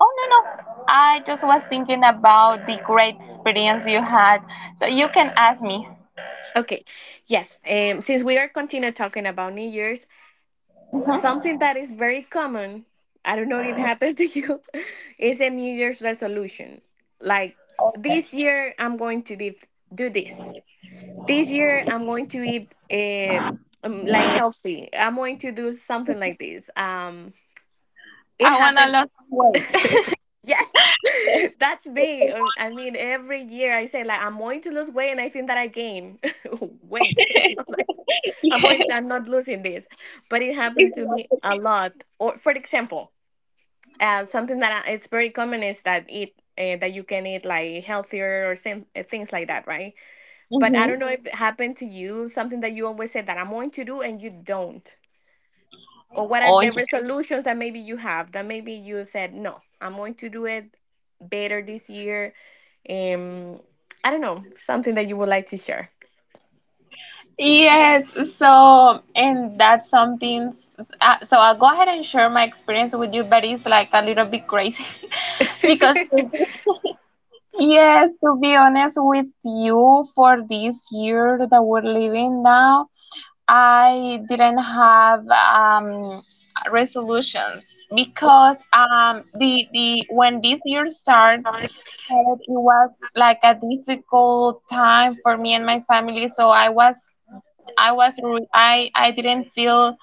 B: Oh, no, no. I just was thinking about the great experience you had. So you can ask me.
A: Okay. Yes. Since we are continue talking about New Year's,
B: Mhm.
A: something that is very common, I don't know if it happened to you, is a New Year's resolution. Like this year I'm going to do this. This year I'm going to eat um, like healthy. I'm going to do something like this. It
B: I want a
A: happened,
B: lot of weight.
A: yes, that's
B: Put
A: me.
B: the most
A: I mean, every
B: people.
A: year I say like I'm going to lose weight, and I think that I gain weight. I'm like, I'm going.
B: Yes.
A: I'm not losing this, but it happened to me a lot. Or for example, something that it's very common is that eat. That you can eat like healthier or same, things like that, right? But I
B: Mhm.
A: don't know if it happened to you, something that you always said that I'm going to do and you don't, or what are
B: Oh, yeah.
A: the resolutions that maybe you have, that maybe you said, no, I'm going to do it better this year. um I don't know, something that you would like to share.
B: Yes, so and that's something. So I'll go ahead and share my experience with you, but it's like a little bit crazy because yes, to be honest with you, for this year that we're living now, I didn't have resolutions because the when this year started, so it was like a difficult time for me and my family. So I didn't feel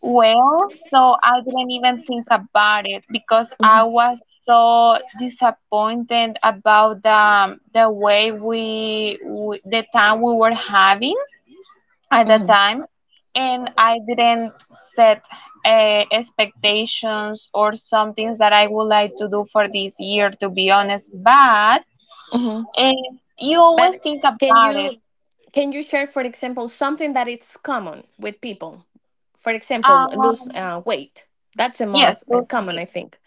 B: well, so I didn't even think about it because I
A: Mhm,
B: was so disappointed about the way we the time we were having at that
A: mhm,
B: time, and I didn't set expectations or some things that I would like to do for this year, to be honest, but
A: mhm.
B: uh, you always
A: But
B: think
A: can
B: about it.
A: you can you share, for example, something that it's common with people, for example lose
B: um
A: weight? That's the
B: yes.
A: most common, I think.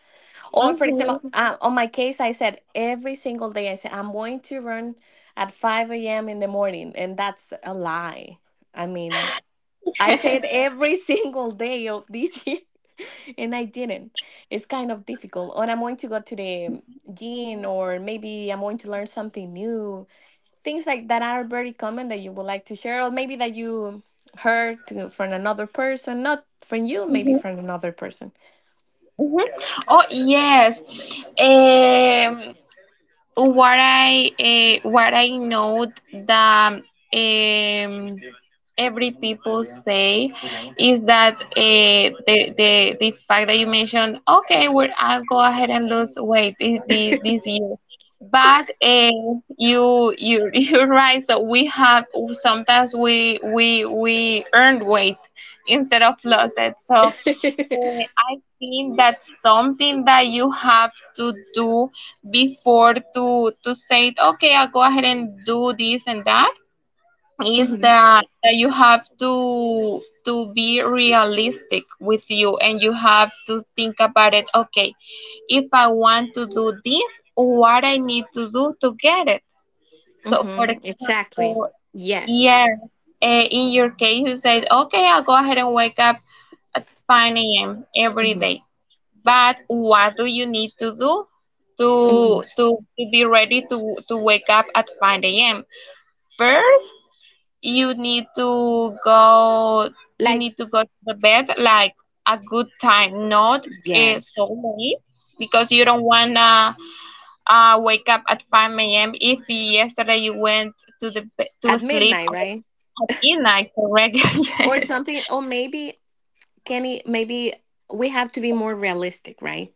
A: Or for example,
B: Mhm.
A: on my case, I said every single day, I said I'm going to run at 5 a.m. in the morning, and that's a lie. I mean, I said every single day of this year, and I didn't. It's kind of difficult. Or I'm going to go to the gym, or maybe I'm going to learn something new. Things like that are very common that you would like to share, or maybe that you heard from another person, not from you, maybe from another person.
B: Oh yes. um what I know that every people say is that the fact that you mentioned, okay, well, I'll go ahead and lose weight this year, but you you're right. So we have sometimes we earned weight instead of lost it, so I think that's something that you have to do before to say, okay, I'll go ahead and do this and that, is that you have to be realistic with you, and you have to think about it, okay, if I want to do this, what I need to do to get it. So for
A: Mm-hmm. Exactly.
B: example,
A: Yes.
B: yeah, in your case, you said, okay, I'll go ahead and wake up at 5 a.m. every
A: Hmm,
B: day. But what do you need to do to
A: hmm.
B: be ready to wake up at 5 a.m.? First, you need to go you
A: Like,
B: need to go to the bed like a good time, not
A: yes,
B: so late, because you don't wanna wake up at 5 a.m. if yesterday you went to
A: at
B: sleep
A: midnight, right?
B: in like correct.
A: Or
B: Yes.
A: something. Or maybe Kenny. Maybe we have to be more realistic, right?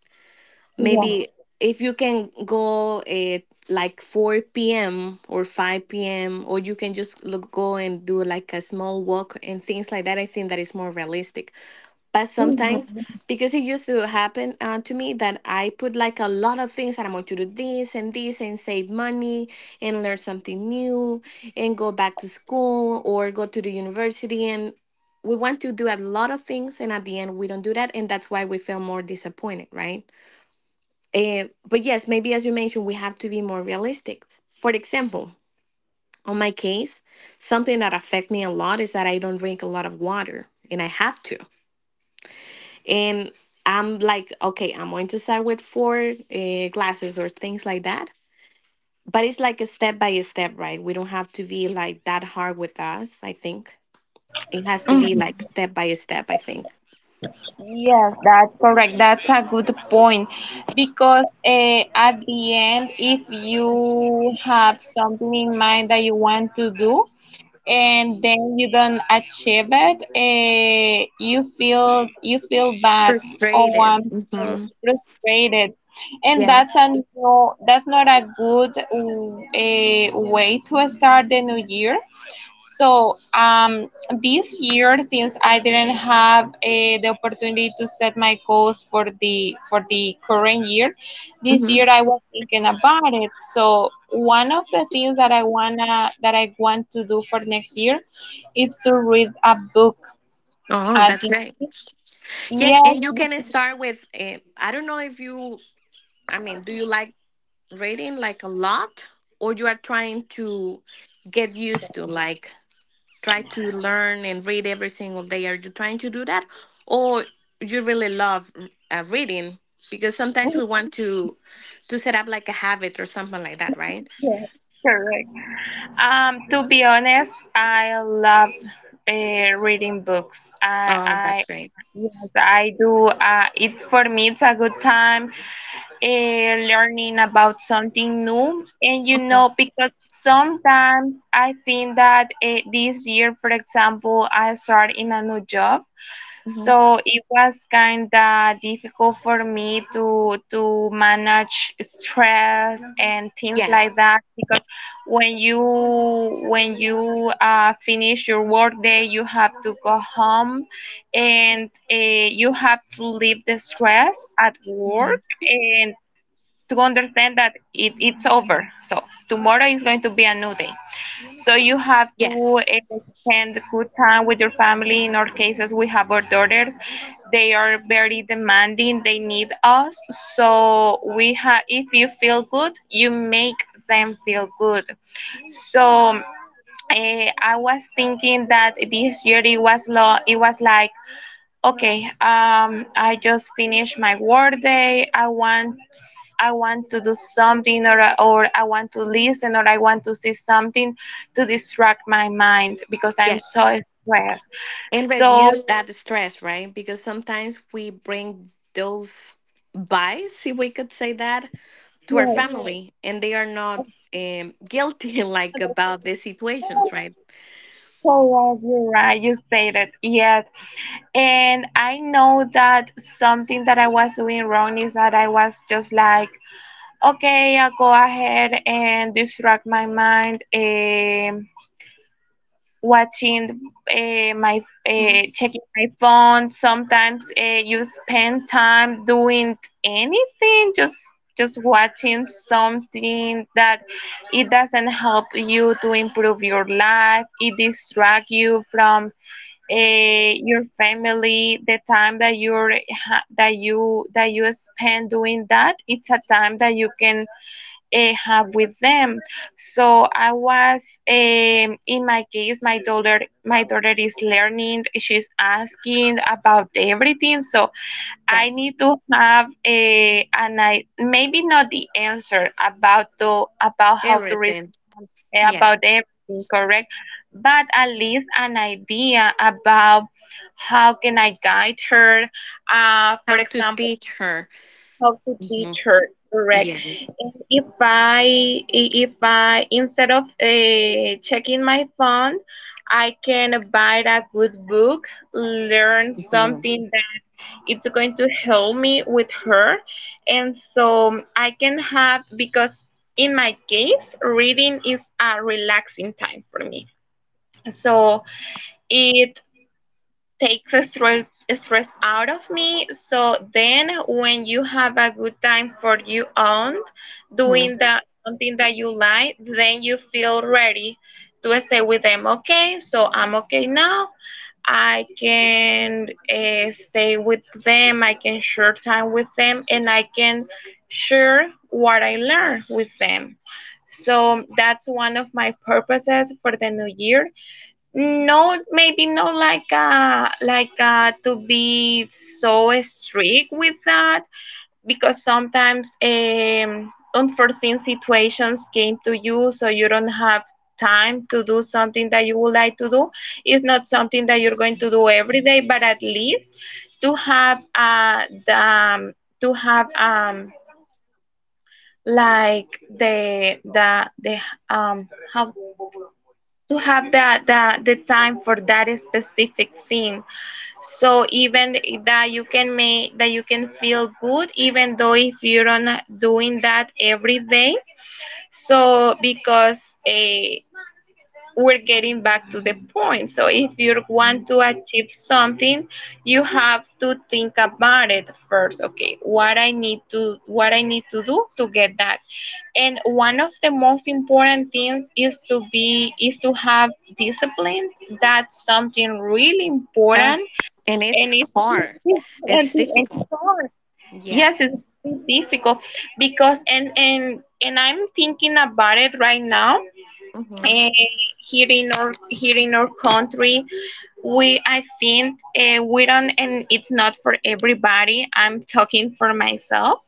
B: Yeah.
A: Maybe if you can go at like 4 p.m. or 5 p.m., or you can just look, go and do like a small walk and things like that. I think that is more realistic. But sometimes, because it used to happen to me, that I put like a lot of things that I'm going to do, this and this, and save money, and learn something new, and go back to school or go to the university. And we want to do a lot of things. And at the end, we don't do that. And that's why we feel more disappointed, right? But yes, maybe as you mentioned, we have to be more realistic. For example, on my case, something that affect me a lot is that I don't drink a lot of water, and I have to. And I'm like, okay, I'm going to start with four glasses or things like that. But it's like a step by step, right? We don't have to be like that hard with us, I think. It has to be like
B: Mhm.
A: step by step, I think.
B: Yes, that's correct. That's a good point because at the end, if you have something in mind that you want to do and then you don't achieve it, you feel bad. Oh,
A: Frustrated.
B: I'm so
A: Hmm.
B: frustrated, and
A: Yeah.
B: that's a no, that's not a good way to start the new year. So this year, since I didn't have the opportunity to set my goals for the current year, this
A: Hmm.
B: year I was thinking about it. So one of the things that I wanna that I want to do for next year is to read a book.
A: Oh,
B: At
A: that's
B: the
A: right. Yes,
B: yes,
A: and you can start with, I don't know, if you, I mean, do you like reading like a lot, or you are trying to get used to? Like, try to learn and read every single day. Are you trying to do that, or you really love reading? Because sometimes we want to set up like a habit or something like that, right?
B: yes, correct. To be honest, I love reading books.
A: Oh, that's
B: I
A: great.
B: yes, I do. It for me, it's a good time learning about something new. And you
A: Mhm,
B: know, because sometimes I think that this year, for example, I start in a new job.
A: mhm.
B: So it was kind of difficult for me to manage stress and things like
A: Yes.
B: that because when you when you finish your work day, you have to go home, and you have to leave the stress at
A: Mhm.
B: work and to understand that it's over. So tomorrow is going to be a new day. So you have to
A: Yes,
B: spend good time with your family. In our cases, we have our daughters. They are very demanding. They need us. So we have. If you feel good, you make them feel good. So. I was thinking that this year it was okay, I just finished my work day. I want to do something, or I want to listen, or I want to see something to distract my mind because I'm
A: yes,
B: so stressed.
A: and
B: So
A: reduce that stress, right? Because sometimes we bring those bias, if we could say that, to our
B: yeah,
A: family, and they are not guilty, like, about the situations, right?
B: so right, you're right, you stated yes. And I know that something that I was doing wrong is that I was just like, okay, I'll go ahead and distract my mind. Watching my
A: Mm,
B: checking my phone sometimes you spend time doing anything, just watching something that it doesn't help you to improve your life. It distracts you from your family. The time that you're that you spend doing that, it's a time that you can have with them. So I was, in my case, my daughter is learning. She's asking about everything. So I
A: yes,
B: need to have a, an I maybe not the answer about the about how to
A: everything.
B: respond
A: Yes.
B: about everything, correct? But at least an idea about how can I guide her. For
A: How to
B: example,
A: teach her.
B: how to teach
A: Hmm.
B: her correct,
A: Yes.
B: and if I instead of checking my phone, I can buy a good book, learn
A: hmm
B: something that it's going to help me with her, and so I can have, because in my case, reading is a relaxing time for me, so it takes stress out of me. So then, when you have a good time for your own, doing that something that you like, then you feel ready to stay with them. Okay, so I'm okay now. I can stay with them. I can share time with them, and I can share what I learn with them. So that's one of my purposes for the new year, no, maybe not like to be so strict with that, because sometimes unforeseen situations came to you, so you don't have time to do something that you would like to do. It's not something that you're going to do every day, but at least to have the to have like the how to have the time for that specific thing, so even that you can make that you can feel good, even though if you're not doing that every day. So because a we're getting back to the point. So if you want to achieve something, you have to think about it first. Okay, what I need to do to get that. And one of the most important things is to be is to have discipline. That's something really
A: Uh,
B: important,
A: and
B: and
A: it's hard.
B: it's
A: It's difficult.
B: yes,
A: Yes.
B: it's difficult because and I'm thinking about it right now.
A: Mm-hmm.
B: uh, here in our country, we I think we don't, and it's not for everybody, I'm talking for myself,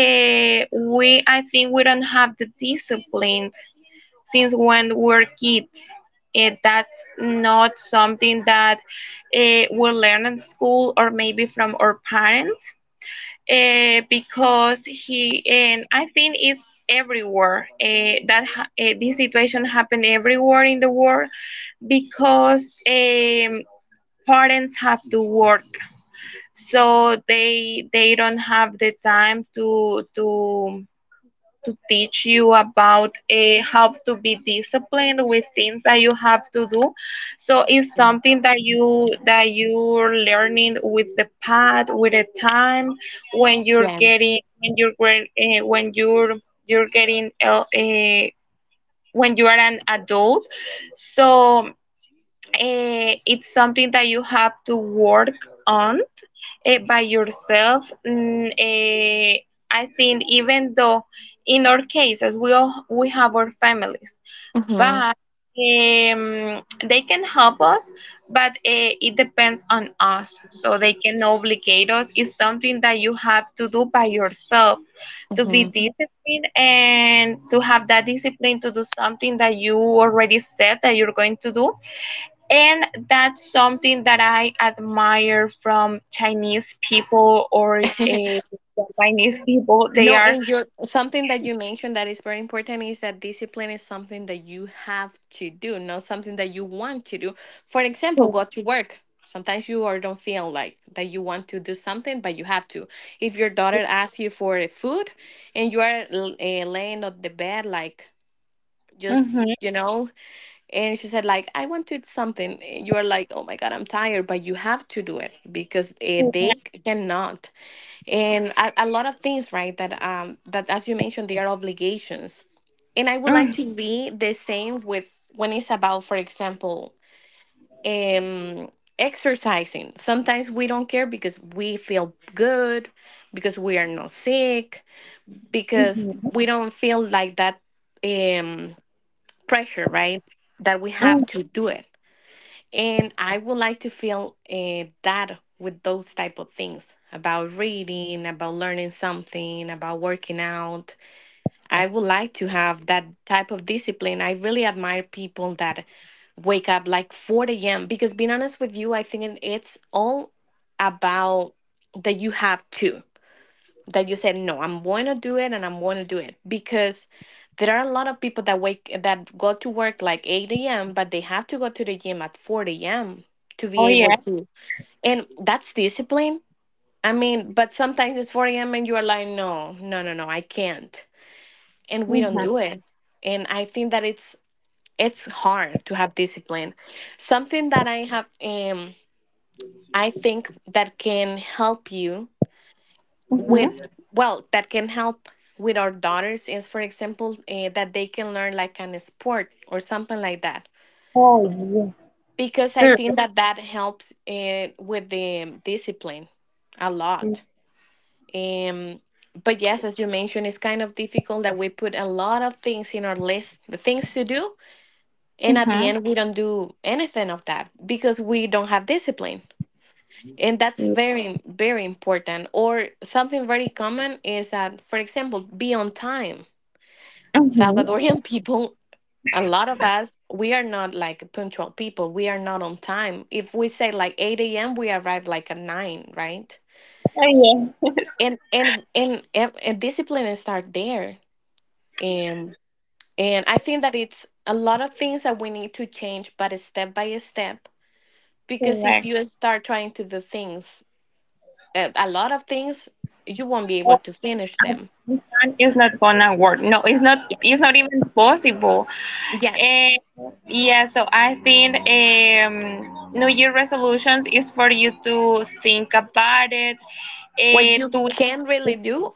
B: we I think we don't have the discipline since when we're kids. That's not something that we learn in school, or maybe from our parents. Because he, and I think it's everywhere, this situation happened everywhere in the world because parents have to work, so they don't have the time to teach you about how to be disciplined with things that you have to do. So it's something that you're learning with the pad, with the time, when you're
A: Yes.
B: getting when you're getting when you are an adult. So it's something that you have to work on by yourself. I think even though in our cases we all, we have our families,
A: Mm-hmm.
B: but um, they can help us, but it depends on us. So they can obligate us. It's something that you have to do by yourself, to be disciplined and to have that discipline to do something that you already said that you're going to do, and that's something that I admire from Chinese people or Japanese people. They
A: No,
B: are,
A: and your something that you mentioned that is very important is that discipline is something that you have to do, not something that you want to do. For example, go to work. Sometimes you or don't feel like that you want to do something, but you have to. If your daughter asks you for food, and you are laying on the bed, like just
B: mm-hmm,
A: and she said like, I want to eat something, you are like, oh my god, I'm tired, but you have to do it, because
B: hmm
A: they cannot. And a lot of things, right? That as you mentioned, they are obligations. And I would like to be the same with, when it's about for example um exercising, sometimes we don't care because we feel good, because we are not sick, because we don't feel like that um pressure, right, that we have to do it. And I would like to fill that with those type of things, about reading, about learning something, about working out. I would like to have that type of discipline. I really admire people that wake up like 4 a.m., because being honest with you, I think it's all about that you have to, that you said, no, I'm going to do it, and I'm going to do it. Because there are a lot of people that wake that go to work like 8 a.m., but they have to go to the gym at 4 a.m. to be
B: oh
A: able
B: yeah,
A: to, and that's discipline. I mean, but sometimes it's 4 a.m., and you are like, no, no, no, no, I can't, and we don't
B: hmm
A: do it. And I think that it's hard to have discipline. Something that I have, I think, that can help you
B: hmm
A: with well, that can help with our daughters is, for example, that they can learn like an sport or something like that,
B: oh yeah,
A: because I think that that helps with the discipline a lot. um but yes, as you mentioned, it's kind of difficult that we put a lot of things in our list, the things to do, and at the
B: hmm
A: end we don't do anything of that because we don't have discipline. And that's very, very important. Or something very common is that, for example, be on time. Salvadorian people, a lot of us, we are not like punctual people. We are not on time. If we say like 8 a.m., we arrive like at 9, right?
B: oh yeah,
A: And discipline is start there. And and I think that it's a lot of things that we need to change, but it's step by step. Because if
B: correct.
A: you start trying to do things, a lot of things, you won't be able
B: Oh,
A: to finish
B: at
A: them.
B: some time it's not gonna work. No, it's not.
A: Yeah.
B: It's not even possible.
A: Yes.
B: And yeah, so I think New Year resolutions is for you to think about it,
A: What you
B: to.
A: can really do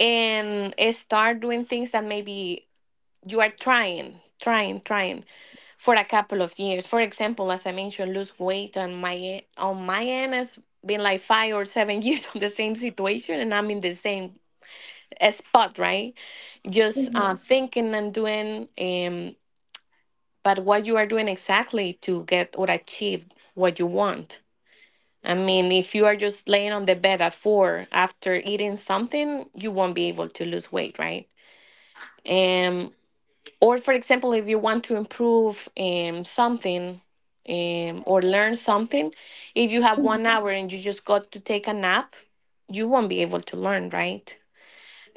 A: and start doing things that maybe you are trying for a couple of years. For example, as I mentioned, lose weight on on my end has been like 5 or 7 years on the same situation, and I'm in the same spot, right? Just
B: Mhm.
A: thinking and doing, but what you are doing exactly to get or achieve what you want. I mean, if you are just laying on the bed at four after eating something, you won't be able to lose weight, right? Um. Or, for example, if you want to improve something or learn something, if you have 1 hour and you just got to take a nap, you won't be able to learn, right?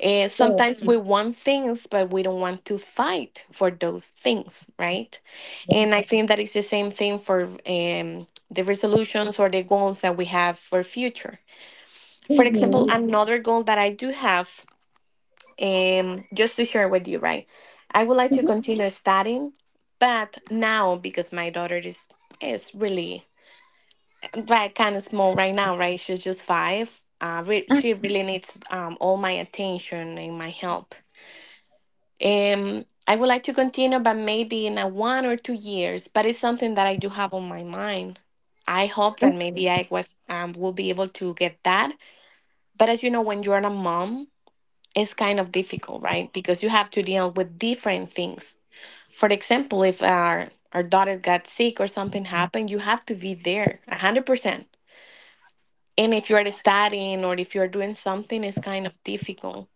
A: Sometimes we want things, but we don't want to fight for those things, right? And I think that is the same thing for the resolutions or the goals that we have for future. For
B: Mm-hmm.
A: example, another goal that I do have just to share with you, right? I would like
B: Mm-hmm.
A: to continue studying, but now because my daughter is really like kind of small right now, right? She's just five.
B: And,
A: She really needs all my attention and my help. I would like to continue, but maybe in a 1 or 2 years. But it's something that I do have on my mind. I hope that maybe I was will be able to get that. But as you know, when you're a mom it's kind of difficult, right? Because you have to deal with different things. For example, if our daughter got sick or something happened, you have to be there 100%. And if you are studying or if you are doing something, it's kind of difficult.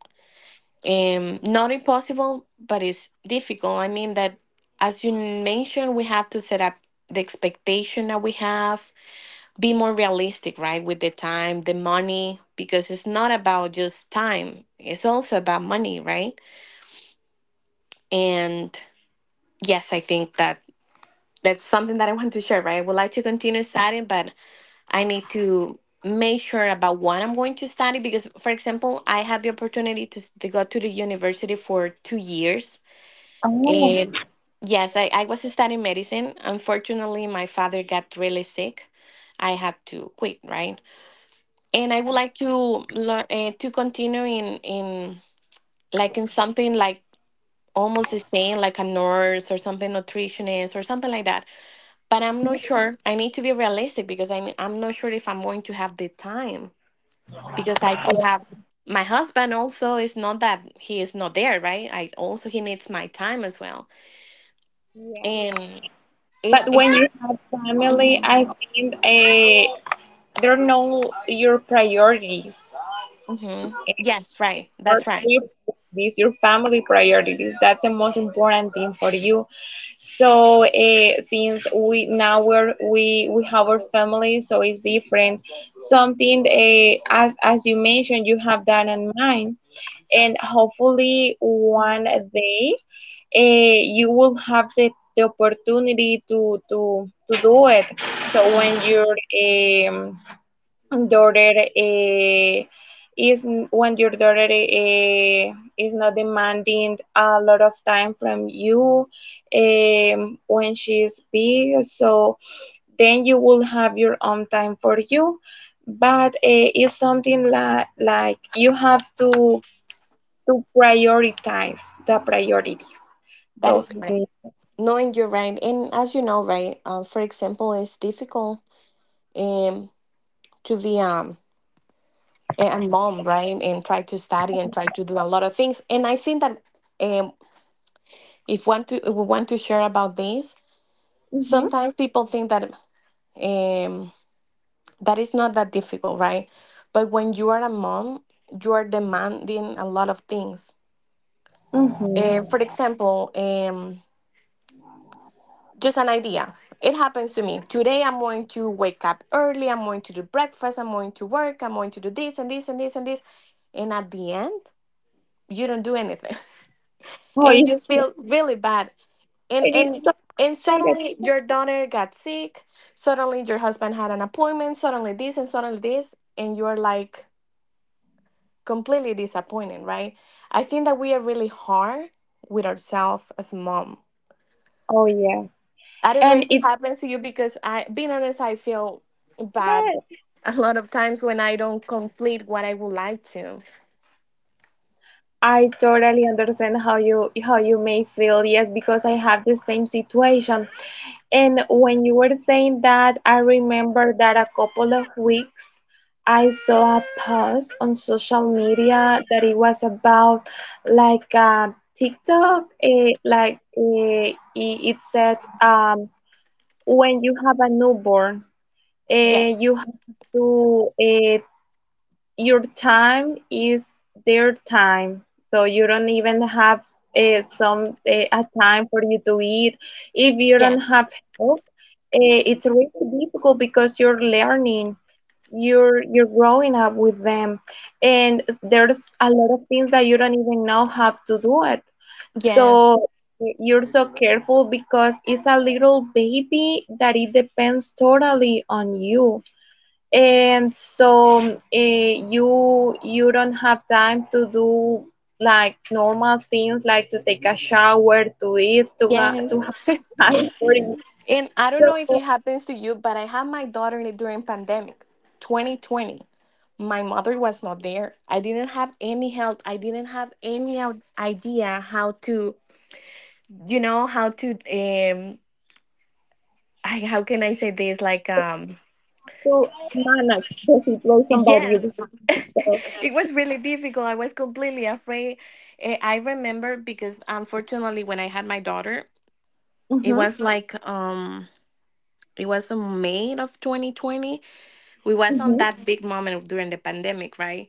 A: Not impossible, but it's difficult. I mean that, as you mentioned, we have to set up the expectation that we have, be more realistic, right, with the time, the money, because it's not about just time; it's also about money, right? And yes, I think that that's something that I want to share, right? I would like to continue studying, but I need to make sure about what I'm going to study because, for example, I had the opportunity to go to the university for 2 years.
B: oh,
A: And Mhm. yes, I was studying medicine. Unfortunately, my father got really sick. I had to quit, right? And I would like to learn to continue in like in something like almost the same, like a nurse or something nutritionist or something like that but I'm not sure. I need to be realistic because I'm not sure if I'm going to have the time because I do have my husband also it's not that he is not there, right? I also he needs my time as well.
B: yes.
A: And it's
B: But
A: it,
B: when you have
A: mm-hmm.
B: family, I think they're know your priorities,
A: mm-hmm.
B: eh,
A: Yes, right.
B: or
A: That's right.
B: if These your family priorities. That's the most important thing for you. So since we now we're, we have our family, so it's different. Something as you mentioned, you have that in mind, and hopefully one day you will have the opportunity to do it. So
A: Mhm.
B: um, daughter eh, is when your daughter is not demanding a lot of time from you, when she's big, so then you will have your own time for you, but it's something like you have to prioritize the priorities,
A: That
B: so
A: is correct.
B: mhm,
A: Knowing you're right, and as you know, right? For example, it's difficult um to be a mom, right, and try to study and try to do a lot of things. And I think that um if want to if we want to share about this
B: mhm,
A: sometimes people think that um that is not that difficult right but when you are a mom you are demanding a lot of things
B: mhm.
A: for example just an idea it happens to me today. I'm going to wake up early, I'm going to do breakfast, I'm going to work, I'm going to do this and this and this and this, and at the end you don't do anything.
B: oh
A: and
B: it,
A: you feel really bad and
B: and it's
A: and
B: so
A: and
B: great.
A: suddenly your daughter got sick, suddenly your husband had an appointment, suddenly this and suddenly this, and you're like completely disappointed, right? I think that we are really hard with ourselves as mom.
B: Oh yeah,
A: I don't know
B: and
A: if it
B: it
A: happens to you because I being honest I feel bad a lot of times when I don't complete what I would like to.
B: I totally understand how you may feel, yes, because I have the same situation. And when you were saying that, I remember that a couple of weeks I saw a post on social media that it was about like TikTok. It said, when you have a newborn,
A: yes
B: you have to your time is their time, so you don't even have some a time for you to eat. If you don't
A: yes
B: have help, it's really difficult because you're learning, you're growing up with them, and there's a lot of things that you don't even know how to do it.
A: yes
B: So you're so careful because it's a little baby that it depends totally on you, and so you don't have time to do like normal things, like to take a shower, to eat, to
A: yes
B: have time for you
A: And I don't know if it happens to you, but I had my daughter during pandemic 2020. My mother was not there. I didn't have any help. I didn't have any idea how to, you know, how to how can I say this like
B: to manage the situation by
A: yes.
B: yourself.
A: it was really difficult. I was completely afraid. I remember because unfortunately when I had my daughter, it
B: Mm-hmm,
A: was Mhm. like it was in May of 2020. We was on
B: mm-hmm,
A: that big moment during the pandemic, right?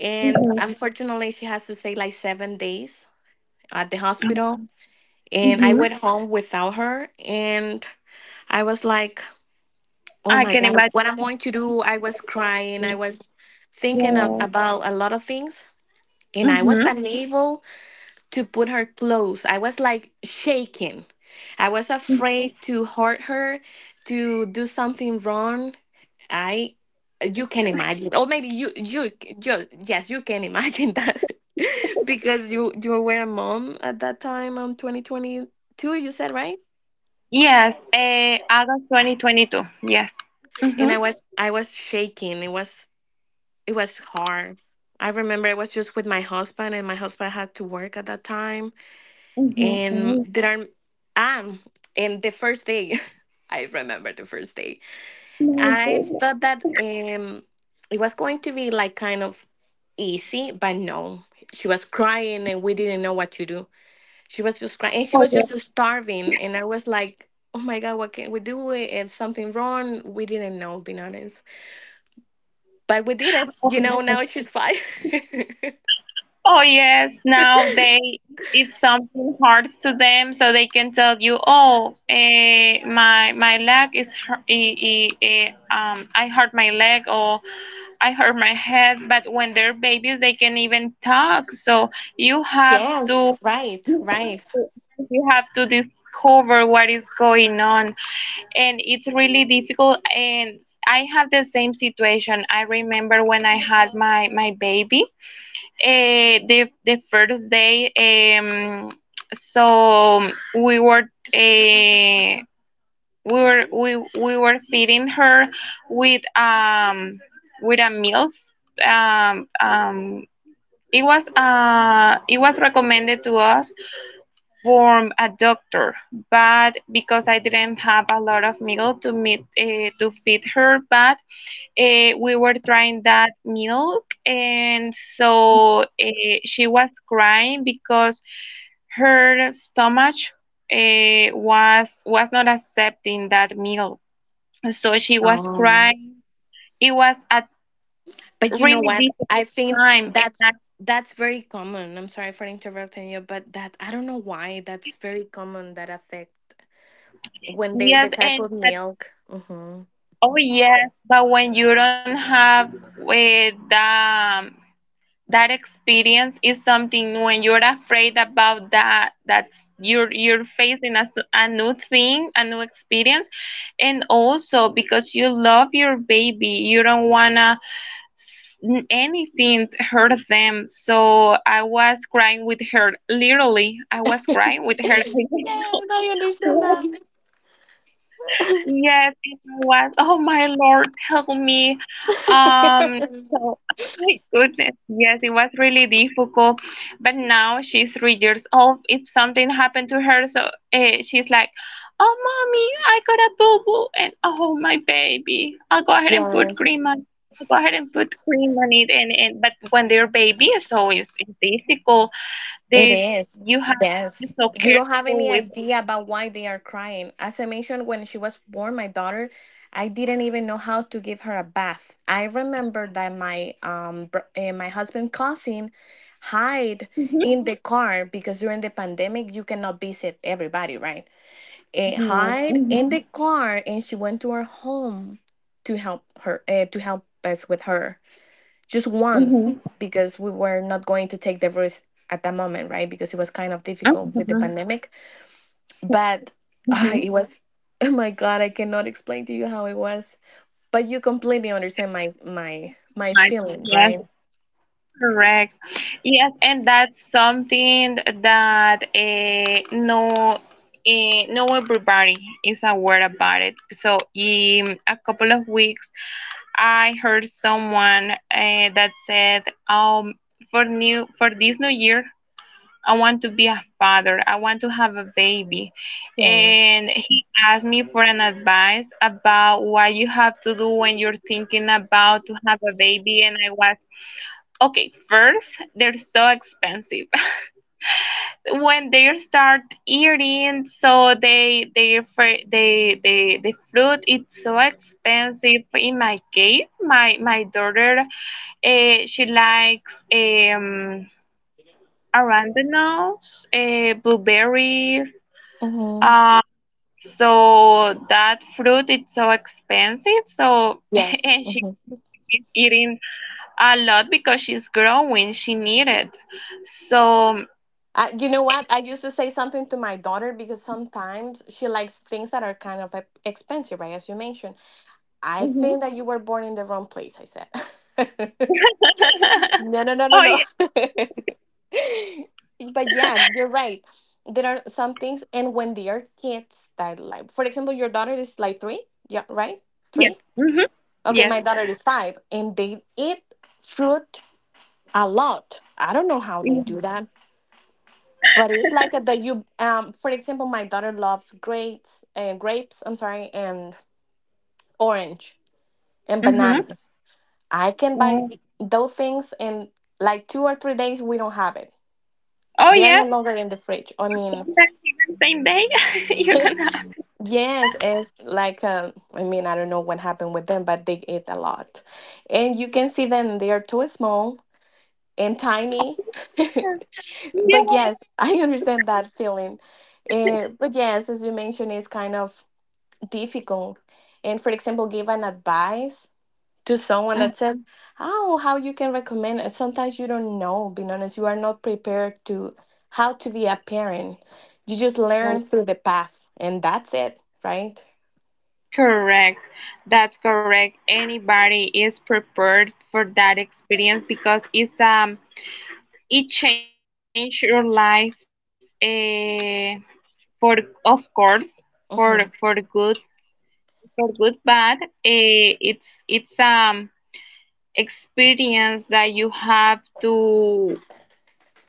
A: And
B: mm-hmm,
A: unfortunately she has to stay like 7 days at the hospital. And I
B: mm-hmm.
A: went home without her. And I was like, oh
B: I
A: my
B: can
A: God,
B: imagine.
A: what I'm going to do? I was crying. I was thinking about a lot of things. And I was
B: Mm-hmm.
A: unable to put her clothes. I was like shaking. I was afraid to hurt her, to do something wrong. I, you can imagine, or maybe you yes, you can imagine that, because you were a mom at that time. 2022. You said right?
B: Yes, August 2022. Yes. Mm-hmm.
A: And I was shaking. It was hard. I remember I was just with my husband, and my husband had to work at that time. And
B: Mm-hmm.
A: there are um and the first day, I remember the first day. I thought that it was going to be like kind of easy, but no. She was crying, and we didn't know what to do. She was just crying, and she was just starving. And I was like, "Oh my God, what can we do? Is something wrong?" We didn't know, being honest. But we did it, you know, now she's five.
B: Oh yes, now they, if something hurts to them, so they can tell you, oh, my leg is hurt, I hurt my leg or I hurt my head. But when they're babies, they can even talk. So you have
A: Yes,
B: to you have to discover what is going on, and it's really difficult. And I have the same situation. I remember when I had my baby the first day, um, so we were eh, we were feeding her with um with a meals. Um, um, it was recommended to us form a doctor, but because I didn't have a lot of meal to feed her, but we were trying that milk, and so she was crying because her stomach was not accepting that milk. So she was
A: oh.
B: crying. It was a
A: But you know
B: really
A: what? I
B: difficult
A: think
B: time, and
A: that's that's very common. I'm sorry for interrupting you, but that I don't know why that's very common that affect when they the
B: yes,
A: type of
B: and but
A: milk. Mm-hmm.
B: oh yes, but when you don't have the that experience, is something new, and you're afraid about that that's you're facing a new thing, a new experience. And also because you love your baby, you don't wanna anything to hurt them, so I was crying with her. Literally, I was crying with her.
A: yes, I understand
B: Yes, it was. Oh my Lord, tell me. Um,
A: that.
B: so my goodness, yes, it was really difficult. But now she's 3 years old. If something happened to her, so she's like, "Oh, mommy, I got a boo boo," and "Oh my baby, I'll go ahead and put
A: yes.
B: cream on." I'll go ahead and put cream on it. And, and but when they're baby, so it's difficult.
A: It
B: There's
A: is.
B: You have to be
A: Yes.
B: so
A: You don't have
B: careful
A: any
B: with.
A: idea about why they are crying. As I mentioned, when she was born, my daughter, I didn't even know how to give her a bath. I remember that my husband cousin hide
B: Mhm.
A: in the car because during the pandemic you cannot visit everybody, right?
B: I know.
A: Hide in
B: Mhm.
A: the car, and she went to her home to help her to help us with her just once
B: Mhm.
A: because we were not going to take the risk at that moment, right? Because it was kind of difficult with the
B: Mhm.
A: pandemic. But ah,
B: Mm-hmm.
A: it was oh my god, I cannot explain to you how it was. But you completely understand my my
B: Right.
A: feeling,
B: Yes,
A: right?
B: correct. Yes, and that's something that no everybody is aware about it. So in a couple of weeks, I heard someone that said, for new for this new year, I want to be a father. I want to have a baby.
A: Yeah.
B: And he asked me for an advice about what you have to do when you're thinking about to have a baby. And I was, okay, first, they're so expensive. When they start eating, so they fr- they the fruit it's so expensive. In my case, my daughter, she likes arándanos, blueberries.
A: Uh-huh.
B: Uh, so that fruit is so expensive. So
A: Yes.
B: and
A: hmm
B: she's eating a lot because she's growing. She need it. So
A: You know what?
B: and
A: I used to say something to my daughter because sometimes she likes things that are kind of expensive, right? As you mentioned, I
B: mhm.
A: think that you were born in the wrong place. I said. No, no, no, no,
B: Oh
A: no.
B: yeah,
A: But yeah, you're right. There are some things, and when they are kids that like, for example, your daughter is like three, yeah, right?
B: yes,
A: Three?
B: hmm,
A: Okay,
B: yes,
A: my daughter is five, and they eat fruit a lot. I don't know how they do that, but it's like that you, for example, my daughter loves grapes and grapes, I'm sorry, and orange and
B: mm-hmm.
A: bananas. I can buy
B: Oh
A: those things, and like 2 or 3 days, we don't have it.
B: oh,
A: They are no
B: yes.
A: longer in the fridge. I mean,
B: Sometimes even same day, you don't know.
A: yes, it's like I mean, I don't know what happened with them, but they ate a lot, and you can see them. They are too small and
B: Oh,
A: tiny.
B: yeah,
A: but
B: yeah.
A: yes, I understand
B: That's
A: that
B: awesome.
A: feeling. But yes, as you mentioned, it's kind of difficult. And for example, give an advice to someone that said, "Oh, how you can recommend?" And sometimes you don't know. Being honest, you are not prepared to how to be a parent. You just learn through the path, and that's it, right?
B: Correct. That's correct. Anybody is prepared for that experience because it changed your life, for of course, for
A: Mm-hmm.
B: good, but it's experience that you have to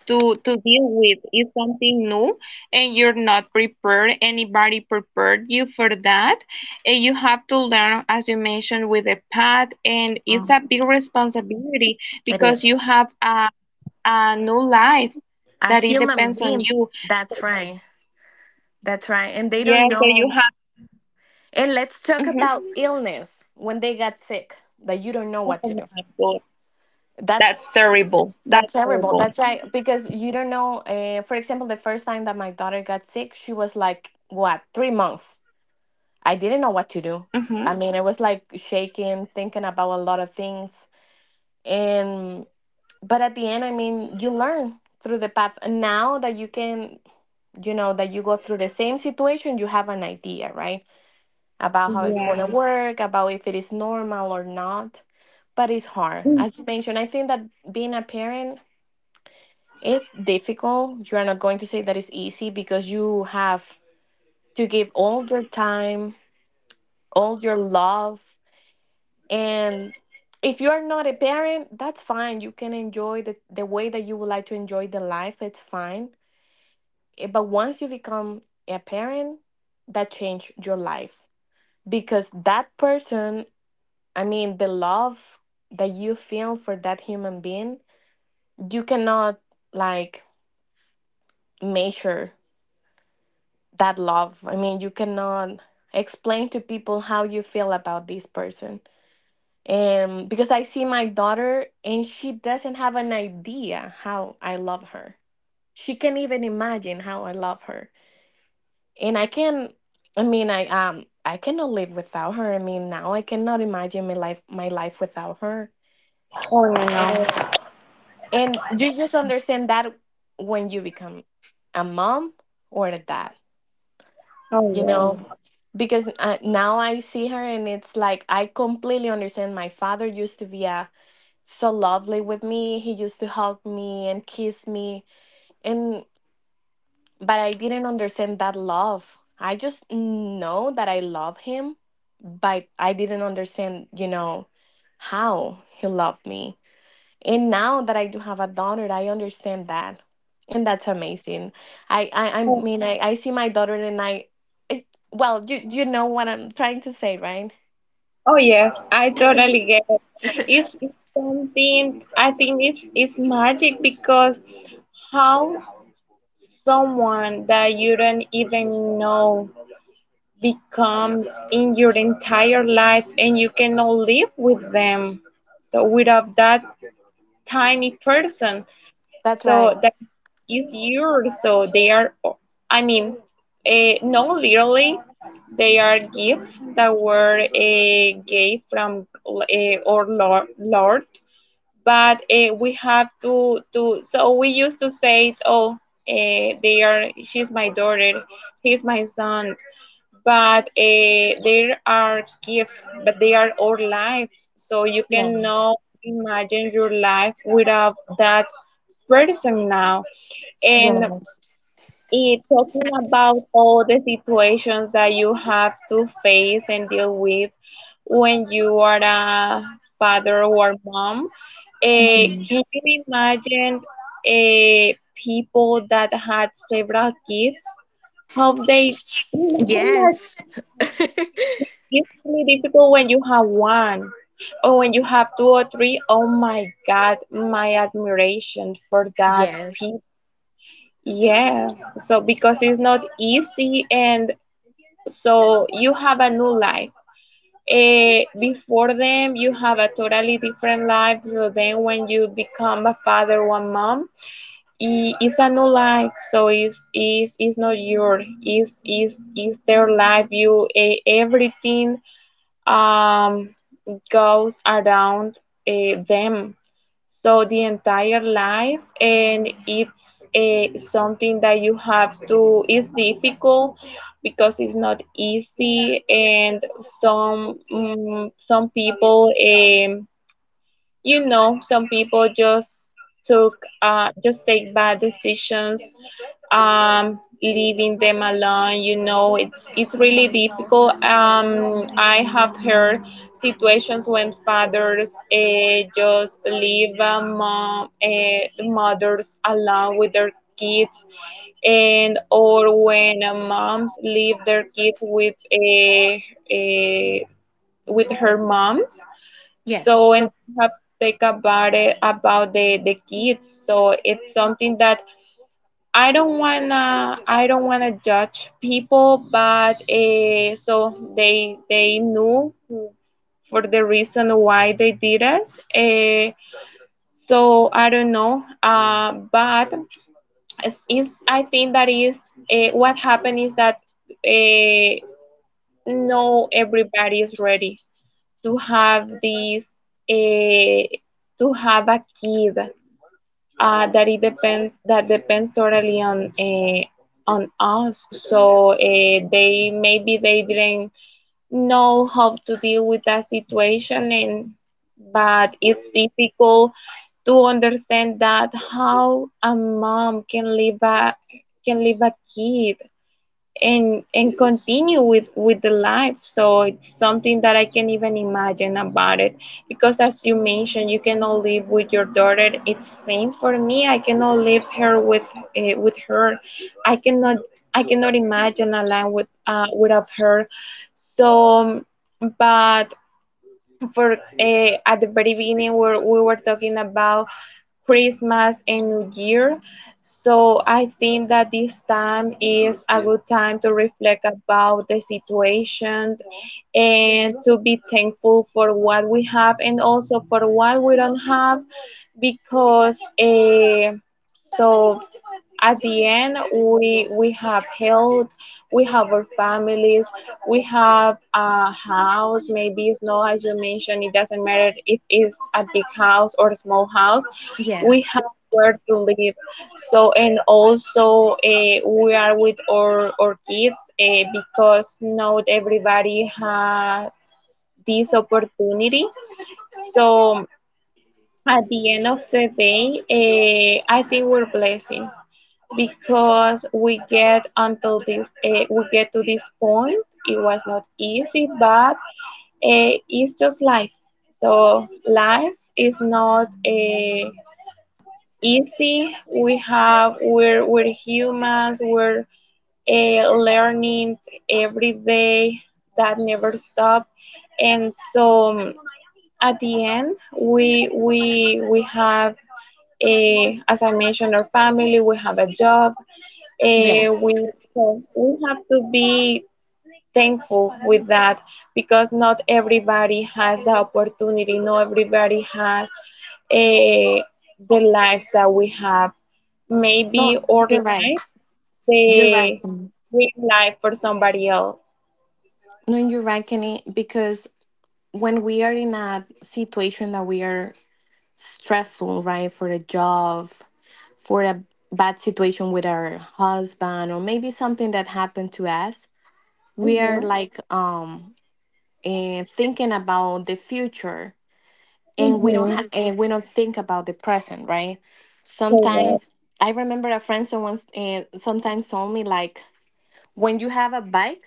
B: to to deal with. Is something new, and you're not prepared. Anybody prepared you for that, and you have to learn, as you mentioned, with the path. And it's
A: Mm,
B: a big responsibility
A: it
B: because you
A: is
B: have a new life
A: a
B: that it
A: human
B: depends on
A: being.
B: you.
A: That's
B: So,
A: right. That's right. And they
B: yeah,
A: don't
B: so you
A: know.
B: have to.
A: And let's talk
B: Mhm.
A: about illness when they got sick. That you don't know what to do.
B: Good.
A: That's
B: That's terrible. That's
A: That's terrible.
B: terrible.
A: That's right. Because you don't know. For example, the first time that my daughter got sick, she was like, what, 3 months? I didn't know what to do.
B: Hmm.
A: I mean, it was like shaking, thinking about a lot of things. And, but at the end, I mean, you learn through the path. And now that you can, you know, that you go through the same situation, you have an idea, right? About how it's going to
B: Yes.
A: work, about if it is normal or not. But it's hard.
B: Mhm.
A: As you mentioned, I think that being a parent it's difficult. You are not going to say that it's easy because you have to give all your time, all your love. And if you are not a parent, that's fine. You can enjoy the way that you would like to enjoy the life. It's fine. But once you become a parent, that change your life because that person, I mean, the love that you feel for that human being, you cannot like measure that love. I mean, you cannot explain to people how you feel about this person. And because I see my daughter and she doesn't have an idea how I love her. She can't even imagine how I love her. And I cannot live without her. I mean, now I cannot imagine my life without her.
B: Oh no.
A: And you just understand that when you become a mom or a dad,
B: Oh
A: you know. Mm.
B: yeah.
A: Because now I see her, and it's like I completely understand my father used to be so lovely with me. He used to hug me and kiss me, and but I didn't understand that love. I just know that I love him, but I didn't understand, you know, how he loved me. And now that I do have a daughter, I understand that, and that's amazing. I see my daughter and I it, well you know what I'm trying to say, right?
B: Oh yes, I totally get it. It's something, I think it's magic, because how someone that you don't even know becomes in your entire life, and you cannot live with them. So without that tiny person.
A: That's right.
B: So that is yours. So they are, I mean, no, literally, they are gifts that were gave from our Lord, Lord. But we have to. So we used to say, oh, they are. She's my daughter. He's my son, but there are gifts, but they are our lives, so you
A: Yeah,
B: cannot imagine your life without that person now. And
A: yes.
B: talking about all the situations that you have to face and deal with when you are a father or mom,
A: Mhm.
B: can you imagine people that had several kids how they manage?
A: Yes.
B: It's really difficult when you have one, or when you have two or three. Oh my God, my admiration for that
A: Yes,
B: people. Yes, so because it's not easy, and so you have a new life. Before them, you have a totally different life. So then, when you become a father or a mom, it's a new life. So it's not your. It's their life. Everything um, goes around them. So the entire life, and it's something that you have to. It's difficult because it's not easy, and some people. Some people just took just take bad decisions, leaving them alone. It's really difficult. I have heard situations when fathers just leave mom the mothers alone with their kids, and or when moms leave their kids with a with her moms,
A: yes,
B: so and you have to think about it, about the kids. So it's something that I don't wanna judge people, but so they knew for the reason why they did it. Uh, so I don't know. But it's I think that is what happened is that uh, no everybody is ready to have eh, a kid that depends totally on on us. So they maybe they didn't know how to deal with that situation. And but it's difficult to understand that how a mom can leave a kid and continue with the life. So it's something that I can not even imagine about it because, as you mentioned, you cannot live with your daughter, it's same for me, I cannot live her with her. I cannot i cannot imagine a life without her. So but for at the very beginning, where we were talking about Christmas and New Year. So I think that this time is a good time to reflect about the situation, and to be thankful for what we have, and also for what we don't have, because so at the end, we have health, we have our families, we have a house. Maybe it's not, as you mentioned. It doesn't matter if it's a big house or a small house. We
A: yes,
B: have where to live. So and also we are with our kids, because not everybody has this opportunity. So at the end of the day, I think we're blessed because we get to this point. It was not easy, but it's just life. So life is not a easy. We're humans. We're learning every day. That never stops, and so at the end, we have a, as I mentioned, our family. We have a job. eh,
A: yes.
B: we we have to be thankful with that because not everybody has the opportunity. Not everybody has a the life that we have.
A: No,
B: Maybe our
A: you're right,
B: life,
A: you're right,
B: the
A: Kenny.
B: dream life for somebody else.
A: No, you're right, Kenny, because when we are in a situation that we are stressful, right? For the job, for a bad situation with our husband, or maybe something that happened to us, we are
B: Mm-hmm.
A: like and thinking about the future, and
B: Mm-hmm.
A: we don't think about the present, right?
B: Correct.
A: Sometimes I remember a friend someone and sometimes told me like when you have a bike.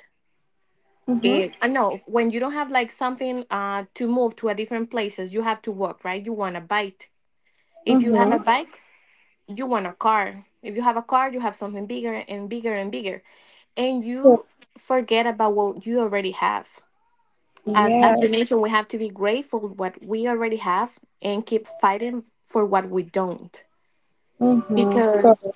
B: Mm-hmm.
A: It, no, When you don't have like something to move to a different places, you have to walk, right? You want a bike. If you have a
B: Mm-hmm.
A: bike, you want a car. If you have a car, you have something bigger and bigger and bigger, and you forget about what you already have. As you, Mhm,
B: Yes.
A: mentioned, we have to be grateful what we already have and keep fighting for what we don't
B: Mm-hmm.
A: because
B: So,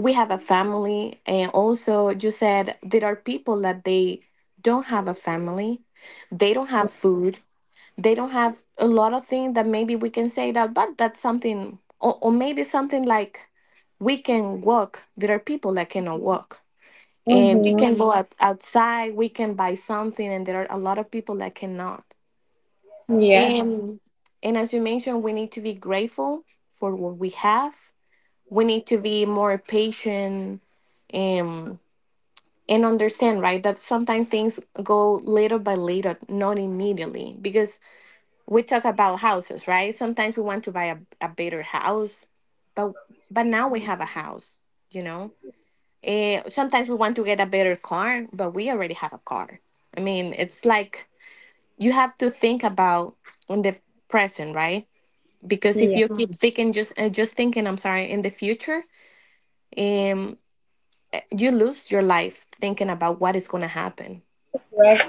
A: we have a family. And also, you said there are people that they don't have a family, they don't have food, they don't have a lot of things that maybe we can say that but that's something or maybe something like we can walk. There are people that cannot walk, and we
B: mm-hmm.
A: can go, Mhm, outside. We can buy something, and there are a lot of people that cannot.
B: Yes,
A: And and as you mentioned, we need to be grateful for what we have. We need to be more patient and understand, right, that sometimes things go little by little, not immediately, because we talk about houses, right? Sometimes we want to buy a better house, but now we have a house, you know. Eh, sometimes we want to get a better car, but we already have a car. I mean, it's like you have to think about in the present, right? Because if you
B: yes.
A: keep, Mhm, thinking just thinking, I'm sorry, in the future, um, you lose your life thinking about what is gonna happen.
B: Right.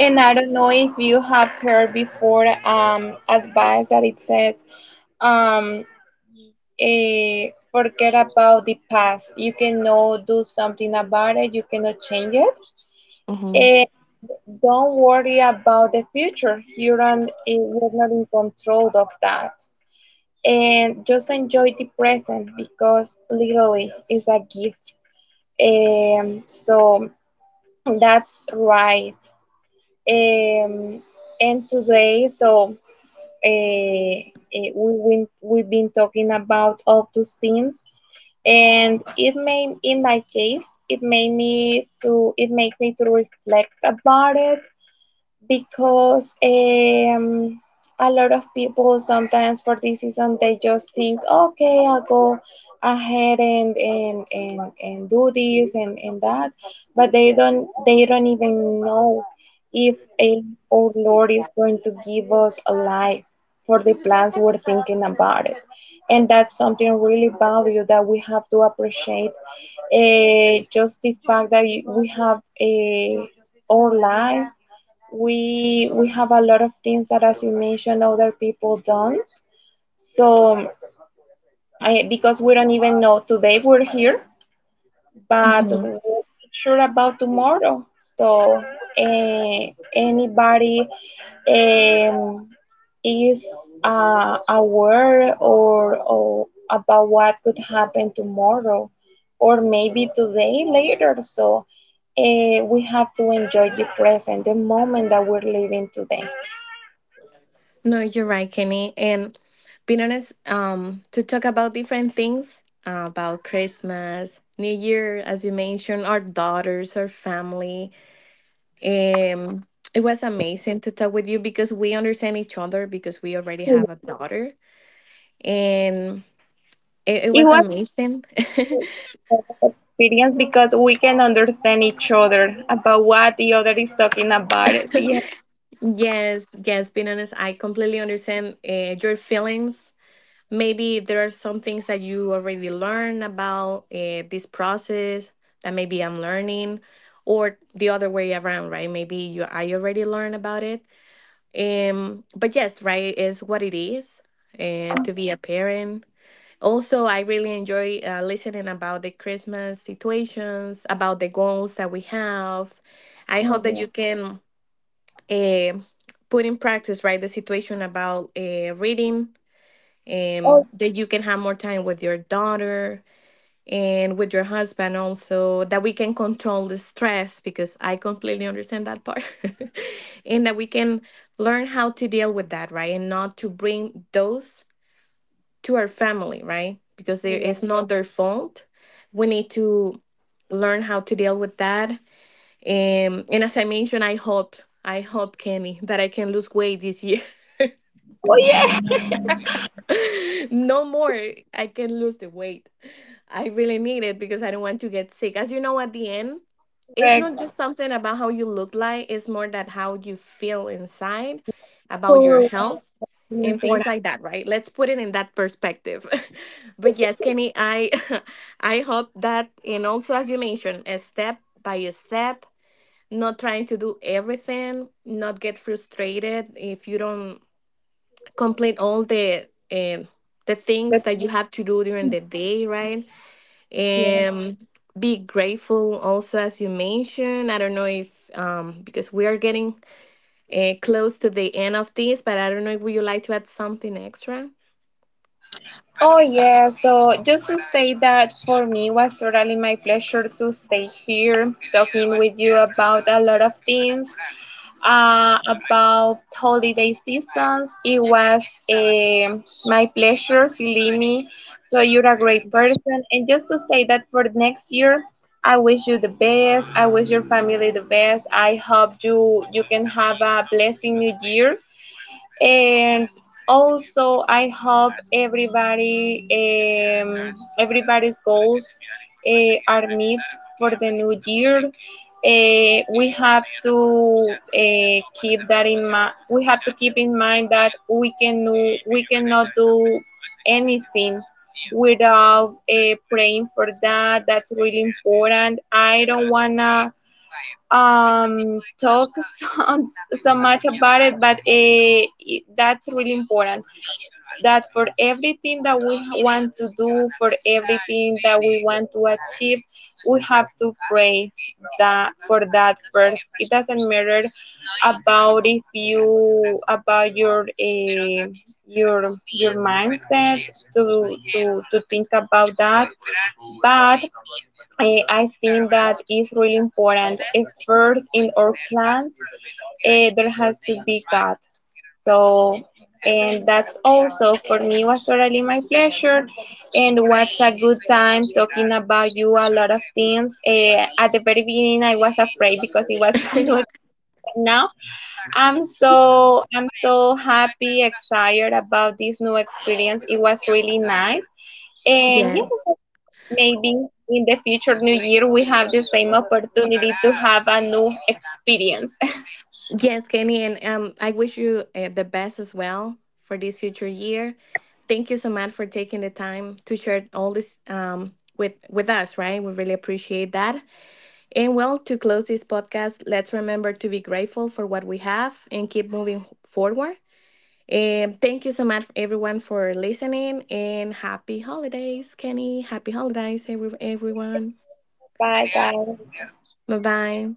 B: And I don't know if you have heard before advice that it says um forget about the past. You cannot do something about it. You cannot change it.
A: Mm-hmm.
B: Eh. Don't worry about the future. You're not in control of that. And just enjoy the present, because literally it's a gift. So that's right. Um, and today, so we've been talking about all those things, and it made in my case, it makes me to reflect about it, because a lot of people, sometimes for this season, they just think, okay, I'll go ahead and and, do this and that, but they don't even know if a, our Lord is going to give us a life for the plans we're thinking about it. And that's something really valuable that we have to appreciate, just the fact that we have a our life. We have a lot of things that, as you mentioned, other people don't. So I, because we don't even know. Today we're here, but we're not sure about tomorrow. So anybody um, is aware or about what could happen tomorrow, or maybe today later. So we have to enjoy the present, the moment that we're living today.
A: No, you're right, Kenny. And being honest, to talk about different things about Christmas, New Year, as you mentioned, our daughters, our family. Um, it was amazing to talk with you because we understand each other because we already have a daughter, and it
B: It
A: was
B: was
A: amazing.
B: experience because we can understand each other about what the other is talking about. It. Yeah.
A: Yes, yes. Being honest, I completely understand your feelings. Maybe there are some things that you already learned about this process that maybe I'm learning, or the other way around, right? Maybe you I already learned about it. But yes, right, is what it is, and to be a parent. Also, I really enjoy listening about the Christmas situations, about the goals that we have. I hope
B: Oh,
A: that
B: yeah.
A: you can uh, put in practice, right, the situation about reading,
B: Oh,
A: that you can have more time with your daughter and with your husband, also that we can control the stress, because I completely understand that part. And that we can learn how to deal with that, right, and not to bring those to our family, right, because it is
B: yeah.
A: not their fault. We need to learn how to deal with that. And as I mentioned, I hope, Kenny, that I can lose weight this year. No more. I can lose the weight. I really need it because I don't want to get sick. As you know, at the end, it's
B: Correct.
A: not just something about how you look like, it's more that how you feel inside about your
B: Correct.
A: health
B: That's really
A: and things
B: important.
A: like that, right? Let's put it in that perspective. But yes, Kenny, I I hope that. And also, as you mentioned, a step by a step, not trying to do everything, not get frustrated if you don't complete all the things that you have to do during the day, right? Um, be grateful also, as you mentioned. I don't know if, because we are getting close to the end of this, but I don't know if would you like to add something extra.
B: Oh yeah, so just to say that for me was totally my pleasure to stay here talking with you about a lot of things, about holiday seasons. It was my pleasure, believe me. So you're a great person, and just to say that for next year, I wish you the best. I wish your family the best. I hope you can have a blessing new year, and also, I hope everybody, everybody's goals are met for the new year. We have to keep that in mind. We have to keep in mind that we cannot do anything without praying for that. That's really important. I don't wanna talk so much about it, but that's really important. That for everything that we want to do, for everything that we want to achieve, we have to pray that for that first. It doesn't matter about if you about your mindset to think about that, but I think that is really important. First, in our plans, there has to be God. So, and that's also for me was totally my pleasure. And what's a good time talking about you a lot of things. At the very beginning, I was afraid because it was not, but now I'm I'm so happy, excited about this new experience. It was really nice. And yes,
A: Yes,
B: I hope maybe in the future new year we have the same opportunity to have a new experience.
A: yes, Kenny. And I wish you the best as well for this future year. Thank you so much for taking the time to share all this with us. Right, we really appreciate that. And well, to close this podcast, let's remember to be grateful for what we have and keep moving forward. And thank you so much, everyone, for listening. And happy holidays, Kenny. Happy holidays, everyone.
B: Bye, guys.
A: Bye bye.